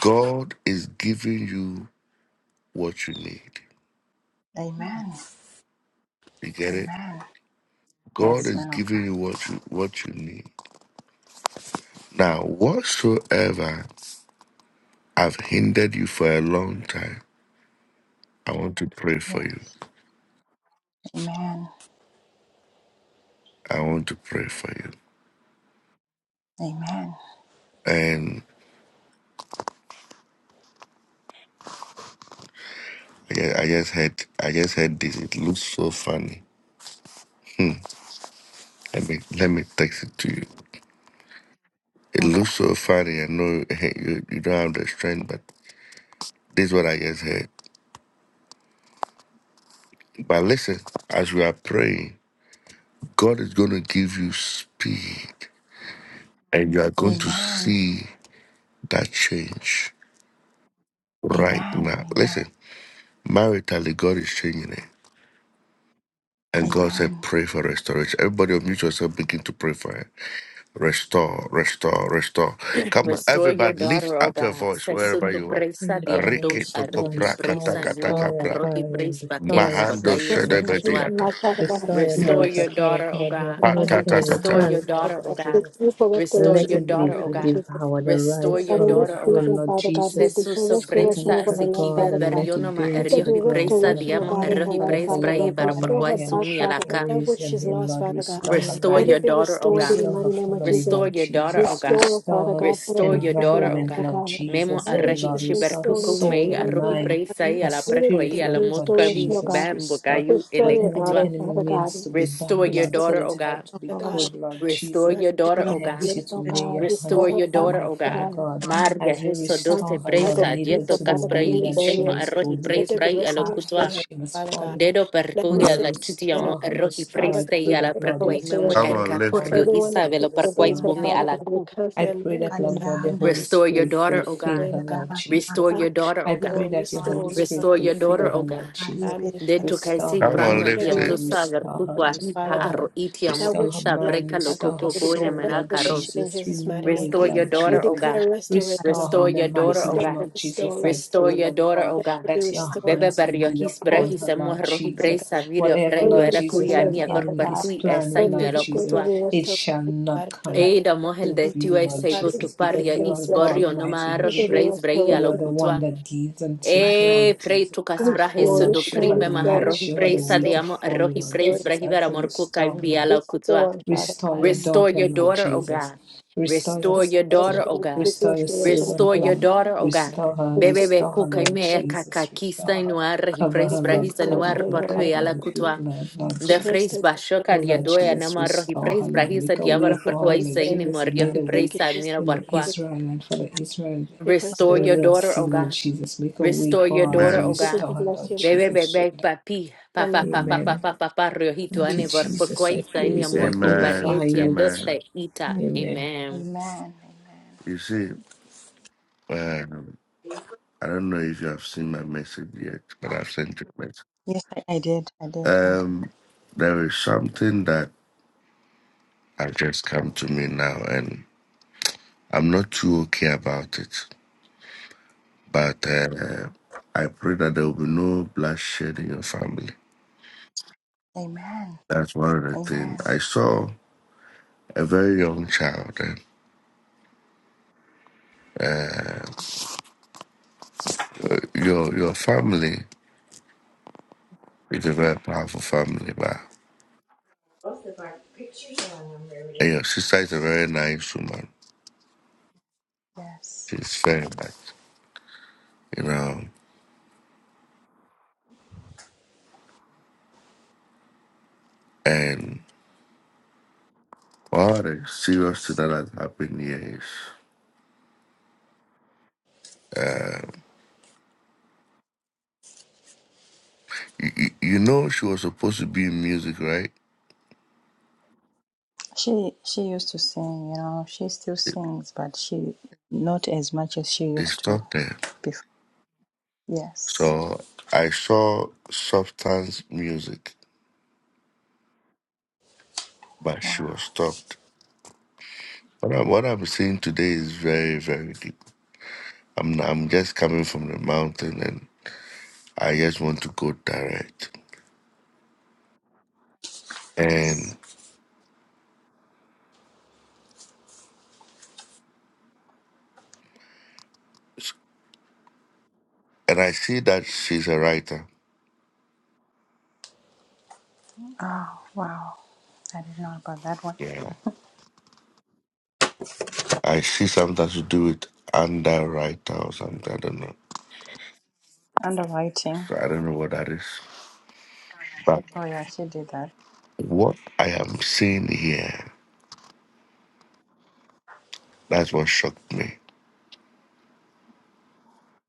S1: God is giving you what you need.
S12: Amen.
S1: You get it?
S12: Amen.
S1: God
S12: Yes,
S1: is
S12: man of
S1: giving
S12: God.
S1: you what you what you need. Now, whatsoever I've hindered you for a long time, I want to pray for
S12: Yes.
S1: you.
S12: Amen.
S1: I want to pray for you.
S12: Amen.
S1: And I ju- I just heard I just heard this. It looks so funny. Hmm. Let me let me text it to you. It
S12: Okay.
S1: looks so funny. I know (laughs) you, you don't have the strength, but this is what I just heard. But listen, as we are praying, God is going to give you speed, and you are going to
S12: Amen.
S1: see that change right
S12: Amen.
S1: now. Listen,
S12: Amen.
S1: maritally, God is changing it. And God said,
S12: Amen.
S1: pray for restoration. Everybody unmute yourself, begin to pray for it. Restore, restore, restore. Come on,
S4: Restore your
S1: everybody, lift
S4: daughter, O
S1: up your
S4: God.
S1: voice wherever
S4: Sesutu
S1: you are.
S4: presa
S6: Holy Father,
S4: diastu
S1: Riki toko
S6: restore,
S4: arri i
S1: pra
S6: restore,
S4: presa
S1: kataka
S6: restore
S4: yuma
S1: taka
S6: your
S1: pra.
S4: arrohi
S6: child, Lord.
S4: pres
S6: Restore
S4: bakes
S6: your
S1: Mahando
S6: sister,
S4: bakaya
S6: my sister.
S9: Restoration,
S4: mekatwa.
S1: shedebediata.
S9: life, Father
S6: Restore your
S9: God.
S4: Restore your
S6: daughter, Father
S4: daughter, O
S6: God.
S4: God.
S6: Whatever the
S12: Praise
S6: enemy
S12: God,
S4: Restore
S1: Patatatata.
S12: Lord,
S4: your
S6: plans,
S9: I
S6: Lord
S4: daughter, O
S6: God
S4: God.
S9: thank
S6: Jesus.
S9: you for
S4: Restore
S9: restoration,
S6: Let
S9: in
S4: your
S6: it
S9: the mighty
S6: be
S4: daughter, O
S9: name of
S4: God.
S9: Jesus.
S6: devoured. and
S4: Restore
S9: Father
S6: rise
S4: your
S9: God, in
S6: from your
S9: this
S4: daughter, O God.
S6: throne,
S9: season,
S6: Lord
S9: Father God, we
S6: Jesus.
S9: declare
S4: Sesuso
S6: Scatter
S9: restoration
S6: it,
S4: presa
S9: over her
S6: Father
S9: life,
S6: God,
S4: sikive
S9: Father
S6: and
S9: God.
S6: let it be
S4: verionoma
S9: Let
S6: to
S9: there be
S6: the
S4: eriohi
S6: ground,
S4: presa
S6: Father
S9: restoration, oh
S6: God.
S4: diamo
S9: God, in
S12: again,
S9: her
S12: and
S4: errohi
S9: life,
S6: Father,
S12: once
S6: for
S4: pres
S9: Father
S6: you are
S4: brai
S9: God.
S4: varo
S6: God,
S9: Restore
S4: porquai
S9: her
S6: mighty and
S9: back,
S4: sumi
S9: Father God,
S6: truthful
S4: alaka.
S9: that
S6: is
S9: which
S6: your
S9: she's
S6: name,
S9: lost,
S6: Lord.
S9: Father God.
S6: Restore her
S12: again,
S4: Restore
S9: Let it
S4: your
S6: life.
S9: be
S4: daughter, O
S9: restored in
S4: God.
S12: we
S9: the
S12: are
S6: Restore her
S9: mighty name of
S6: family,
S9: Jesus.
S4: Restore
S6: Lord
S4: your daughter, O
S6: Jesus.
S4: God.
S9: Restore,
S6: Restore
S9: Father
S6: her
S9: God, that
S4: Restore
S9: which
S4: your
S9: is
S4: daughter,
S9: lost,
S4: O
S6: environment,
S9: oh
S4: God.
S6: Lord
S9: God.
S4: Memo
S6: Jesus.
S9: That
S6: Oh,
S9: which
S4: arahi
S6: Lord,
S9: has been
S6: restore her
S9: stolen,
S4: chiberkuku mei
S9: taken
S6: soul, her
S9: away
S4: arohi
S9: from her,
S6: mind,
S9: Father
S12: here
S4: preisai
S6: her
S9: God.
S4: ala
S9: Let
S4: preko
S9: it
S6: spirit,
S4: i
S12: to
S9: there
S4: ala
S9: be
S6: Lord
S12: reach
S6: God
S9: restoration,
S4: motkabi
S9: oh
S6: Jesus.
S9: God.
S4: bam
S6: Restore
S4: bokayu
S12: out
S9: Restore your
S6: whatever the
S4: elekutwa.
S9: daughter,
S6: enemy
S9: Father
S6: means
S9: God.
S6: to be
S4: Restore
S6: bad,
S4: your
S6: Lord.
S9: Restore,
S6: Tell
S4: daughter,
S9: Father
S4: O
S6: it how
S4: God.
S6: to
S12: to
S6: be
S12: the Lord.
S9: God.
S6: good,
S12: She-
S6: Lord
S4: Restore
S6: Jesus.
S9: Her
S4: your daughter,
S12: Lord,
S4: O
S6: I
S4: God.
S12: we
S6: ask you
S9: Yes,
S6: to
S9: oh
S12: stretch
S6: lay
S9: God,
S6: your
S4: Restore
S9: restore
S6: hands
S9: her
S4: your
S9: back,
S6: upon
S4: daughter,
S6: her,
S4: O
S9: Father
S6: Father
S4: God.
S9: God.
S6: God,
S12: to no
S4: Maria
S6: as you
S9: We
S4: Heso doce
S9: Cancel
S6: restore her, Lord.
S9: Father,
S4: breisa
S6: Lead
S9: peace,
S6: her
S9: oh
S4: dieto
S6: to the
S9: Father God,
S6: way
S4: kasprai
S9: in the
S4: i
S6: that she
S4: seima
S9: barrier.
S6: must go,
S4: arohi
S6: lead her
S9: Let
S4: preis
S6: to
S9: there
S6: the
S9: be
S4: brai
S9: restoration
S6: path
S9: in
S4: alokutwa.
S6: that
S9: her,
S6: she must
S9: Father
S6: follow.
S9: God.
S4: Dedo
S9: Let
S6: Oh
S9: her
S4: percuia
S6: Lord,
S9: sit
S4: la
S9: again, oh
S4: kitiamo
S6: restore her,
S4: arohi
S6: restore.
S9: Father
S6: I
S9: God,
S4: preistei
S9: we
S6: pray
S4: ala
S6: that,
S9: pray
S6: Lord,
S4: preko
S9: for
S6: you
S4: i memo
S6: touch
S12: new
S6: her
S1: Come
S9: restoration.
S6: from the
S1: on,
S4: erka
S1: lift
S6: crown
S4: porio
S1: it.
S6: of her
S9: Everyone that's
S6: head
S4: isabelo
S6: to the
S9: been
S6: sole
S4: perquais
S9: against
S6: of her
S9: her,
S4: bumi
S12: mother,
S9: Father
S6: feet,
S4: ala
S9: God,
S6: Lord.
S9: we
S4: ku.
S12: she
S6: I
S9: cancel
S12: did it.
S9: and
S6: pray
S9: right now
S6: that,
S9: in the
S6: Lord
S9: mighty
S6: God,
S9: name
S6: your
S12: Kaniyana,
S9: of
S6: Holy
S9: Jesus.
S4: Restore
S9: Let
S4: your
S6: Spirit
S9: them
S12: we-
S4: daughter,
S9: take
S4: oh
S9: her
S6: fulfill
S4: God.
S9: away,
S6: her,
S9: oh God.
S6: Lord
S4: Restore
S6: Jesus.
S12: Narabasangwa.
S9: Father
S4: your daughter,
S6: I
S4: oh
S9: God,
S12: Yes,
S4: God.
S6: pray
S9: restore,
S6: that your
S12: Lord,
S6: Holy
S9: restore,
S12: we
S9: restore,
S12: shall
S6: Spirit
S4: Restore your
S6: fulfill
S4: daughter,
S9: restore
S6: her,
S4: oh God.
S6: Lord
S9: her
S12: not
S6: Jesus.
S9: family,
S12: repeat the
S4: De
S12: prayer
S9: Father
S4: tu
S6: Restore
S4: kaisi
S6: her
S1: Come
S9: God.
S1: on,
S6: life,
S4: prano
S9: Let there
S4: dia
S1: lift
S12: of
S9: be
S12: the
S4: tu
S1: it.
S6: Lord.
S9: restoration,
S12: Lord.
S4: sa
S6: Restore
S4: vertu
S6: her,
S9: Father
S6: restore
S9: God.
S6: her,
S4: itiamo
S9: That
S6: restore
S9: which
S6: her
S9: she
S4: esta
S9: lost,
S6: mind,
S4: breka lo
S9: Father
S6: restore
S9: God,
S6: her
S4: koko
S9: we
S6: soul,
S9: declare
S6: Lord
S4: manakaro.
S9: restoration in
S6: Jesus.
S9: Jesus' mighty name.
S6: Renew it,
S4: Restore your
S6: Lord
S9: We
S4: daughter, oh
S6: Jesus.
S4: God.
S9: declare restoration,
S6: Restore
S9: Lord.
S6: her
S4: Restore
S6: in the
S4: your daughter,
S6: mighty
S4: oh
S9: restore,
S6: name
S4: God.
S6: of
S9: restore,
S6: Jesus. I
S4: Restore
S6: pray,
S9: restore.
S4: your
S6: Lord
S4: daughter,
S6: God,
S4: oh
S9: Let
S4: God.
S9: it be
S6: that your
S9: restored
S4: Bebe
S6: hands may
S4: barrio
S6: be
S4: his
S9: for
S6: upon
S9: everything
S6: her,
S4: brehis
S9: you
S4: emo
S6: Lord
S9: lost,
S4: rohi
S9: Father
S6: Jesus.
S9: God.
S4: presa virio
S6: Whatever,
S4: preyo
S6: Lord
S4: era
S9: Everything you've
S6: Jesus,
S4: cuya
S6: that
S9: missed,
S4: mia
S6: the
S4: ver
S9: Father
S6: enemy
S4: per
S9: God.
S6: is
S4: cui
S6: planning,
S9: Lord
S6: Lord
S9: Jesus, let
S6: Jesus,
S9: there
S4: e
S9: be
S6: it shall
S9: restoration, God,
S6: not
S9: in your
S6: come
S9: life, Father
S4: Edamos el
S6: to
S4: de
S6: you,
S9: God.
S6: Lord
S4: USA
S9: God, we just
S6: Jesus,
S9: thank
S6: because
S4: butuparia
S9: you
S6: you
S9: and
S6: are
S9: bless you.
S6: God,
S4: isborio no
S6: mighty and
S4: maro
S9: Let
S4: y
S9: there be
S6: true.
S4: praise breia
S6: You
S4: lo
S6: are
S9: restoration.
S6: the one
S4: cutua.
S6: that gives and
S12: My
S6: takes,
S4: E
S6: Lord
S4: prei
S6: Jesus.
S4: tucas
S12: God,
S6: Oh
S4: brajes
S9: Restore,
S6: Lord,
S4: do
S6: show
S9: restore,
S6: her
S4: frimbe
S6: the
S9: restore,
S6: light,
S4: maharohi
S6: show her
S9: restore,
S6: the
S4: praise
S6: way
S9: restore,
S6: to
S4: diamo
S6: follow,
S4: arrohi
S6: Lord
S9: restore,
S4: praise
S6: Jesus, as
S4: brahivera
S6: you
S4: morcuca y
S6: restore, Lord
S4: biala cutua.
S9: restore, Father
S6: Restore
S9: God.
S6: your
S12: we
S4: Restore
S6: daughter,
S4: your
S6: Lord
S4: daughter, O
S6: Jesus.
S4: God.
S6: Restore your
S4: Restore your
S6: daughter.
S4: daughter,
S9: Restoration,
S4: O
S9: we
S4: God.
S9: speak
S6: Restore your
S9: restoration in
S4: Restore
S6: servant,
S9: our life.
S4: your
S6: Lord.
S4: daughter, oh God.
S6: Restore her.
S9: We
S4: Bebe
S9: speak
S4: be
S6: Restore her, Lord
S4: kukaime
S9: restoration
S6: Jesus.
S4: kakakista
S6: Restore her.
S4: inuar
S6: Cover
S4: hipres
S6: her,
S9: Speak words
S6: Lord.
S4: brahisa
S9: to worship
S6: Cover
S4: inuar
S9: in
S6: her.
S9: your
S4: paru
S6: Cover
S9: life.
S6: her
S4: yala
S6: with your
S9: Lord.
S4: kutwa.
S6: blood, Lord
S4: The
S9: Speak words
S4: phrase
S9: to
S6: Jesus.
S9: us
S4: bashoka
S9: and
S6: Oh, Lord
S4: diadoya
S6: Jesus,
S4: namaro
S6: restore her,
S4: hipres
S6: Lord.
S4: brahisa
S6: Make a way
S4: diavara
S9: help the
S6: for
S4: parkwa
S9: Holy
S6: her,
S4: isa
S6: Lord
S9: Spirit.
S4: ini
S6: Jesus. You
S4: morio
S6: made a way
S9: Thank
S4: hipres
S9: you, Jesus.
S4: amira
S6: in the
S4: parkwa.
S9: Speak
S6: Israel and for the Israel
S9: speak words
S6: in
S9: to
S4: Restore
S6: the
S9: worship.
S4: your
S6: Red
S4: daughter,
S6: Sea,
S4: oh
S6: Lord
S4: God.
S6: Jesus. Make a way
S4: Restore your
S6: for her as
S4: daughter,
S6: you
S4: oh
S1: Amen.
S9: Thank
S4: God.
S9: you,
S6: restore
S9: we
S6: her,
S9: bless
S6: Lord
S9: you.
S4: Bebe
S9: Lord,
S6: Jesus.
S4: bebe papi papa
S9: Lord,
S1: Amen.
S4: papa
S6: Amen.
S4: papa papa riohito
S6: Thank
S12: repeat
S6: you,
S4: ane por por
S6: Jesus. I
S4: cuesta en mi
S6: praise you. I
S4: amor
S12: it.
S1: Amen.
S6: glorify
S4: copariete
S6: you.
S1: Amen.
S4: adosta ita.
S6: Amen.
S4: Amen.
S12: Amen. Amen.
S1: You see, um, I don't know if you have seen my message yet, but I've sent you. a message.
S12: Yes, I, I did. I did. I did.
S1: Um, there is something that has just come to me now, and I'm not too okay about it. But uh, I pray that there will be no bloodshed in your family.
S12: Amen.
S1: That's one of the things.
S12: Amen.
S1: I saw a very young child. And, uh, your your family is a very powerful family, but
S12: both of our pictures are on them, Rarity.
S1: and your sister is a very nice woman.
S12: Yes.
S1: She's very nice, you know. And all the serious thing that has happened here is. uh, You, you you know she was supposed to be in music, right?
S12: She she used to sing, you know, she still
S1: They
S12: sings, but she not as much as she
S1: they
S12: used to
S1: stopped her.
S12: before. Yes.
S1: So I saw substance music, but she was
S12: Wow.
S1: stopped. What I'm, what I'm seeing today is very, very deep. I'm I'm just coming from the mountain, and I just want to go direct. And
S12: Yes.
S1: and I see that she's a writer.
S12: Oh, wow. I didn't know about that one.
S1: Yeah, I see something to do with underwriter or something. I don't know.
S12: Underwriting.
S1: So I don't know what that is. But
S12: Oh yeah, she did that.
S1: what I am seeing here. That's what shocked me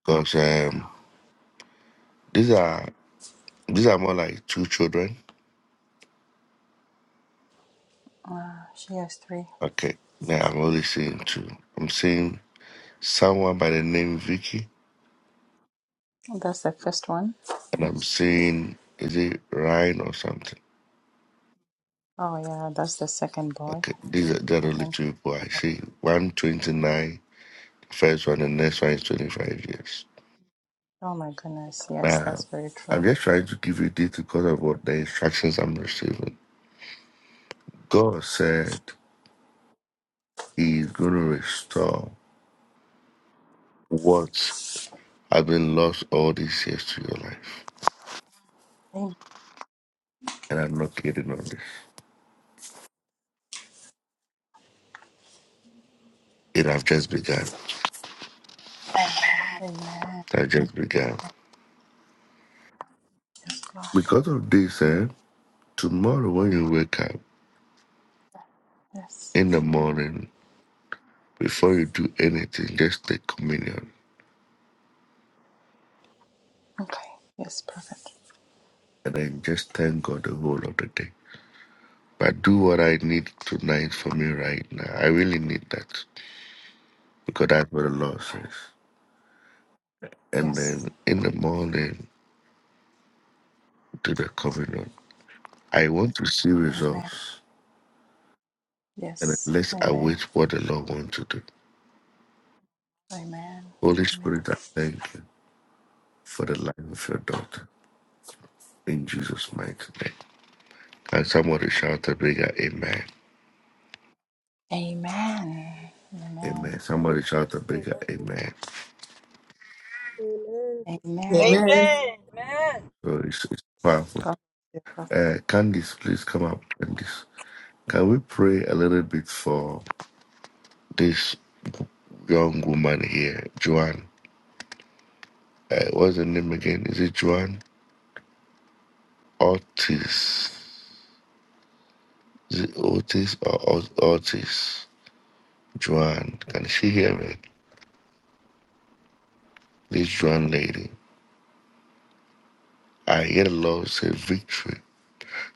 S1: because um, these are these are more like two children.
S12: Wow, she has three.
S1: Okay, now I'm only seeing two. I'm seeing someone by the name Vicky,
S12: That's the first one.
S1: and I'm seeing is it Ryan or something.
S12: Oh yeah, that's the second boy.
S1: Okay, these are they're the
S12: And
S1: only
S12: then
S1: two people
S12: she,
S1: I see. One 29, first one, and next one is 25 years.
S12: oh my goodness, yes, that's
S1: Now,
S12: very
S1: I'm
S12: true.
S1: just trying to give you this because of what the instructions I'm receiving. God said He is going to restore what I've been lost all these years to your life.
S12: Amen.
S1: And I'm not kidding on this. It have just begun.
S12: Amen.
S1: I just begun.
S12: Yes, God.
S1: Because of this, eh, tomorrow when you wake up
S12: Yes.
S1: in the morning, before you do anything, just take communion.
S12: Okay. Yes, perfect.
S1: And then just thank God the whole of the day. But do what I need tonight for me right now. I really need that. Because that's what the Lord says. And
S12: Yes.
S1: then in the morning, do the communion. I want to see
S12: Amen.
S1: results. And then
S12: Yes.
S1: let's
S12: Amen.
S1: await what the Lord wants to do.
S12: Amen.
S1: Holy
S12: Amen.
S1: Spirit, I thank you for the life of your daughter. In Jesus' mighty name. And somebody shout a bigger amen.
S12: Amen.
S1: Amen.
S12: Amen.
S1: Somebody shout a bigger amen.
S12: Amen.
S6: Amen.
S1: So it's, it's powerful.
S12: God bless you,
S1: Uh, Candice, please come up. Candice, can we pray a little bit for this young woman here, Joanne? Uh, what's the name again? Is it Joanne Ortiz? Is it Otis or Ort- Ortiz? Joanne, can she hear me? This Joanne lady. I hear the Lord say victory.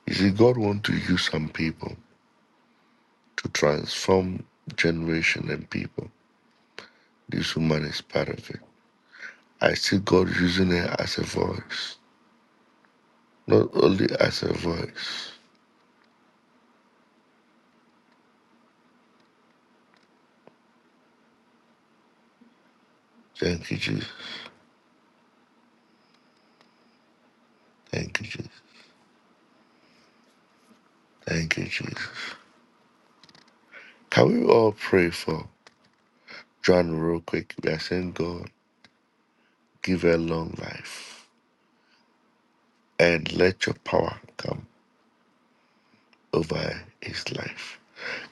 S1: You see, God want to use some people to transform generation and people. This woman is part of it. I see God using her as a voice, not only as a voice. Thank you, Jesus. Thank you, Jesus. Thank you, Jesus. Can we all pray for John real quick? We are saying, God, give her long life and let your power come over his life.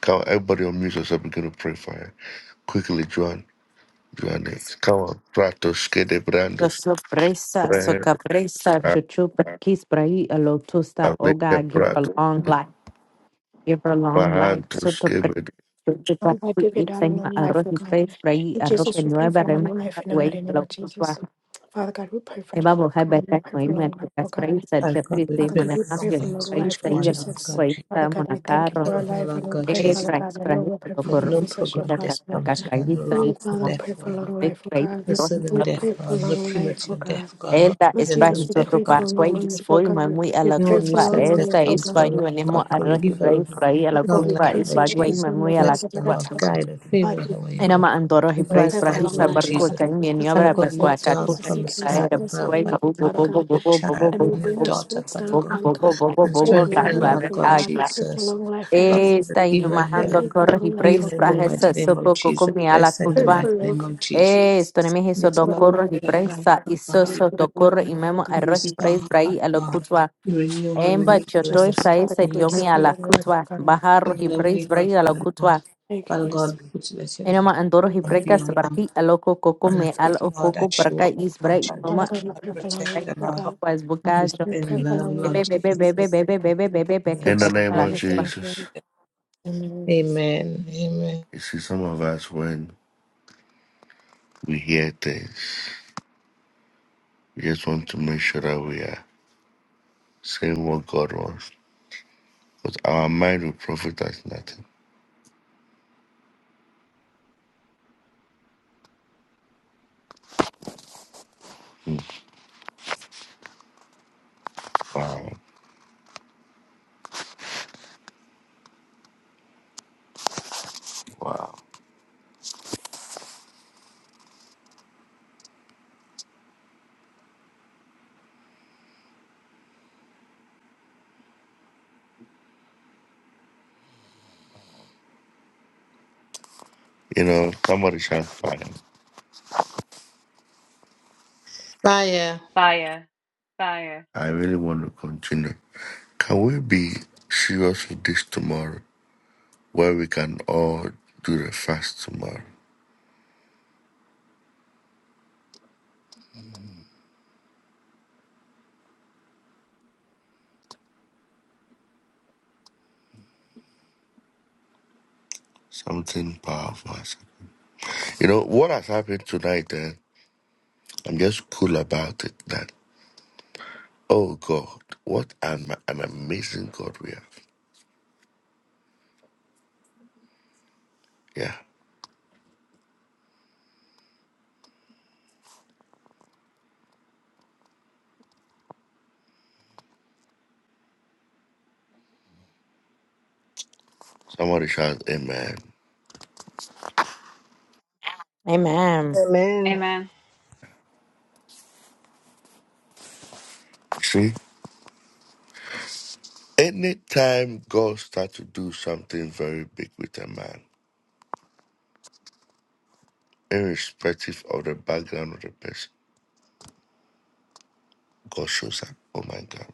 S1: Come, everybody unmute yourself. We're going to pray for her. Quickly, John. Johannes. Come on, Pratos, que de brandos,
S4: Sosopresa,
S1: Brandos,
S4: socapresa,
S1: a-
S4: chuchupa, quisbrai, alotusta, oh
S1: Aleca,
S4: God, give her
S1: Pratos,
S4: long
S1: que
S4: life, give her long life,
S1: Barrantos, que
S4: sotopresa,
S1: de-
S4: chuchupa,
S9: I give your daughter long
S4: itema,
S9: life,
S4: arroz
S9: oh
S4: y
S9: God.
S4: pres, brai,
S9: Lord
S4: arroz que
S9: Jesus, we pray
S4: nueva,
S9: for long
S4: rema,
S9: life in the
S4: güey,
S9: mighty name of Jesus.
S4: alotusta,
S9: Father God, we pray for joy.
S4: eva, boja,
S9: God, and we
S4: beta,
S9: pray for
S4: noima,
S9: long life, oh
S4: tucas,
S9: God.
S4: presa,
S6: And God, we
S4: tiaprisa, y
S9: Father
S6: pray
S9: God,
S6: for
S9: we
S6: long
S9: pray
S4: mananapio,
S9: for
S6: lives
S9: long
S6: for
S9: life,
S4: presa, y
S9: Lord
S6: Joanne,
S4: vela,
S6: Lord
S9: Jesus.
S6: God Jesus.
S9: Father
S4: cuaita,
S9: God, we thank you
S4: monacarro,
S9: for our
S6: Cover her,
S9: life and
S6: Lord
S9: we
S6: God
S9: pray,
S4: eh,
S9: Father
S6: Jesus.
S4: brais,
S9: God, that no
S4: brais,
S9: weapon from
S6: Let no
S4: sotoporrum,
S9: the shall
S6: program death
S9: prosper.
S6: come to her,
S4: cacacacacaisa, y
S6: no
S4: sa, y
S9: Heavenly
S6: wrongful
S9: Father,
S4: mo,
S9: we pray
S6: death,
S9: for
S6: Lord.
S9: long
S4: brai,
S9: life, oh God.
S6: No
S9: We
S6: sudden
S4: brai,
S6: death,
S9: pray for
S6: Lord. No
S9: long life, oh
S6: premature
S9: God.
S6: death, God. No
S4: Eta
S9: Lord
S6: accidental
S4: España
S9: Jesus, we
S6: death
S4: soto
S9: pray
S6: come
S9: for
S6: to her,
S4: parkway
S6: Lord.
S9: long life, oh
S4: ispoy
S9: God.
S4: mamui a
S9: We
S4: la
S6: No
S9: pray for
S4: kutwa
S6: useless
S9: long
S6: death
S9: life,
S4: esta
S9: oh
S6: come to
S9: God.
S6: her,
S4: España
S6: Lord.
S4: venimos
S6: Lord,
S4: a
S6: Lord, give her
S4: rey
S6: a
S4: rey a la
S9: Father God,
S6: long
S9: we
S4: kutwa
S6: life,
S9: cancel
S6: Lord
S4: España
S9: every
S6: Jesus.
S9: form
S4: mamui
S9: of
S4: a la
S6: Bless
S9: Father
S6: her,
S9: God
S4: kutwa
S6: Lord.
S9: attack on
S6: Guide her,
S9: our
S6: favor her
S9: body.
S6: where you
S4: era
S6: go.
S4: ma andoro hi
S9: We
S4: pray
S6: Provide
S9: pray
S6: for
S9: for
S6: her,
S9: long
S4: prahisa
S6: Lord
S9: life,
S4: barko
S9: Father
S6: Jesus.
S9: God.
S4: tan
S9: We
S4: ni ni
S9: cancel
S6: Father
S4: abra per
S6: God,
S4: kwa
S6: look
S9: accidents,
S4: ka
S9: we
S4: ku
S6: down
S9: cancel
S4: ta
S6: from the
S4: ta
S9: sickness,
S6: sky
S4: era
S9: we cancel
S6: above,
S4: kwai
S6: Father
S4: bo
S9: anything,
S4: bo
S6: God,
S9: Father
S6: upon
S4: bo bo
S9: God.
S6: your
S4: bo bo bo bo
S6: child,
S9: And we
S6: on your
S9: bring
S4: bo
S9: our
S6: daughter,
S9: spirits
S6: Father
S9: down,
S4: bo
S6: God.
S9: Father
S4: bo
S9: God.
S4: bo bo
S9: We
S6: and
S9: pray
S4: bo
S9: for
S4: ta
S6: strengthen
S9: long
S6: her,
S4: va
S9: life,
S6: Lord
S9: oh
S6: God
S4: a
S9: God. We pray for
S6: Jesus.
S9: long life, Lord
S6: Lord
S9: Jesus.
S6: Jesus,
S4: esta y
S6: give her
S9: We
S4: majando
S9: pray
S6: health.
S9: for
S4: corre y
S9: long
S4: pray
S6: Heal
S9: life, oh
S6: her in the
S9: God.
S6: mighty
S4: prahisa
S6: name
S4: so
S6: of
S4: poco
S6: Jesus.
S4: con mi ala
S6: Bless her in the
S9: Pray
S6: mighty
S9: for long
S6: name
S9: life.
S6: of Jesus.
S4: Eh, stone mi hizo
S6: Yes,
S4: do
S9: People
S6: Lord,
S4: corro
S9: know me,
S4: y
S6: we pray that
S9: oh
S6: Lord,
S9: God. I
S4: presa
S6: you
S4: y
S9: pray you
S6: cover
S9: can do
S6: her. We
S9: it
S4: soso
S6: pray
S4: do
S6: that
S9: for my
S4: corro
S9: life,
S4: y
S9: oh
S4: memo
S9: God.
S6: you
S4: arroz y
S6: restore
S4: pres
S6: her, Father
S4: brai a lo
S6: God.
S4: cutua.
S6: You renew her,
S9: Thank
S4: Emba
S9: you,
S6: renew her
S4: choto
S6: life,
S9: Jesus,
S4: esa
S9: Father
S4: ese
S9: God,
S6: renew
S9: we
S6: her
S4: dio
S9: pray
S4: mi a
S9: for
S4: la
S6: spirit.
S9: long life, oh
S4: cutua.
S9: God.
S4: Bajarro
S6: Give her
S4: y
S6: the way,
S4: pres
S6: Lord,
S4: brai a lo
S6: Father God.
S4: cutua.
S9: Thank you,
S6: Father
S9: Holy
S6: God,
S9: Spirit.
S6: put you let your
S9: that we
S6: light
S4: Enoma andoro
S9: can
S4: y
S9: do
S6: and
S9: it.
S6: be a
S4: precas
S6: lamp
S4: barqui a loco coco
S6: and a
S4: me al o
S6: feet, Lord, as
S4: coco
S6: she
S4: perca
S6: walks,
S4: is
S6: Lord
S4: brai
S9: Father
S4: noma.
S6: Jesus.
S9: God, we
S6: Lord,
S9: pray for long
S6: protect
S9: life,
S6: her,
S9: oh
S6: Lord.
S9: God.
S4: Pues
S6: Lord, we
S4: bucajo.
S9: We
S6: stand
S9: pray
S6: in
S9: for
S6: love,
S9: long life,
S6: Lord
S4: Bebe
S9: for
S4: bebe
S6: Jesus. In
S4: bebe
S9: Jesus.
S4: bebe bebe bebe
S6: the
S4: bebe
S6: name of
S1: In the
S4: a
S1: name
S6: Jesus.
S9: God,
S4: la
S1: of
S9: we
S4: cutua.
S9: thank you.
S1: Jesus,
S9: Amen.
S6: Amen. Amen.
S1: you see, some of us, when we hear things, we just want to make sure that we are saying what God wants. Because our mind will profit us nothing. Mm, Wow. Wow. You know, somebody shall find.
S6: Fire.
S13: Fire, fire.
S1: I really want to continue. Can we be serious with this tomorrow? where we can all do the fast tomorrow. Something powerful. You know, what has happened tonight, eh, I'm just cool about it that, oh God, what an, an amazing God we have. Yeah. Somebody shout, Amen.
S4: Amen.
S7: Amen.
S13: Amen.
S1: See, anytime God starts to do something very big with a man, irrespective of the background of the person, God shows up. Oh my God.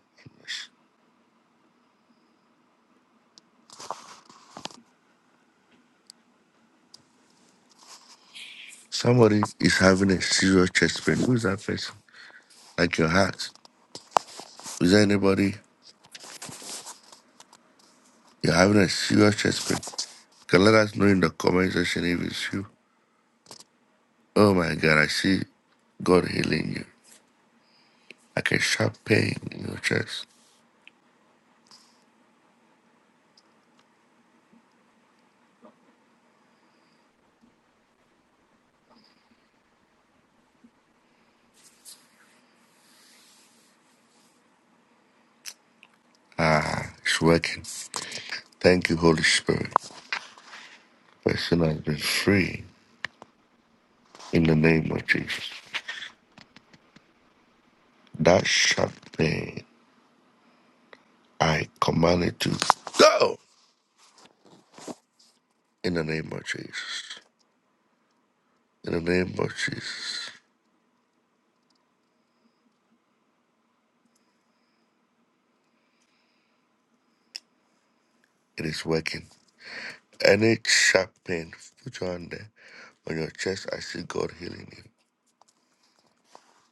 S1: Somebody is having a serious chest pain. Who's that person? Like your heart. Is there anybody you're having a serious chest pain? Can let us know in the comment section if it's you. Oh my God, I see God healing you. Like a sharp pain in your chest. Ah, it's working. Thank you, Holy Spirit. Person has been free in the name of Jesus. That sharp pain, I command it to go in the name of Jesus. In the name of Jesus, it is working. Any sharp pain, put your hand there on your chest. I see God healing you.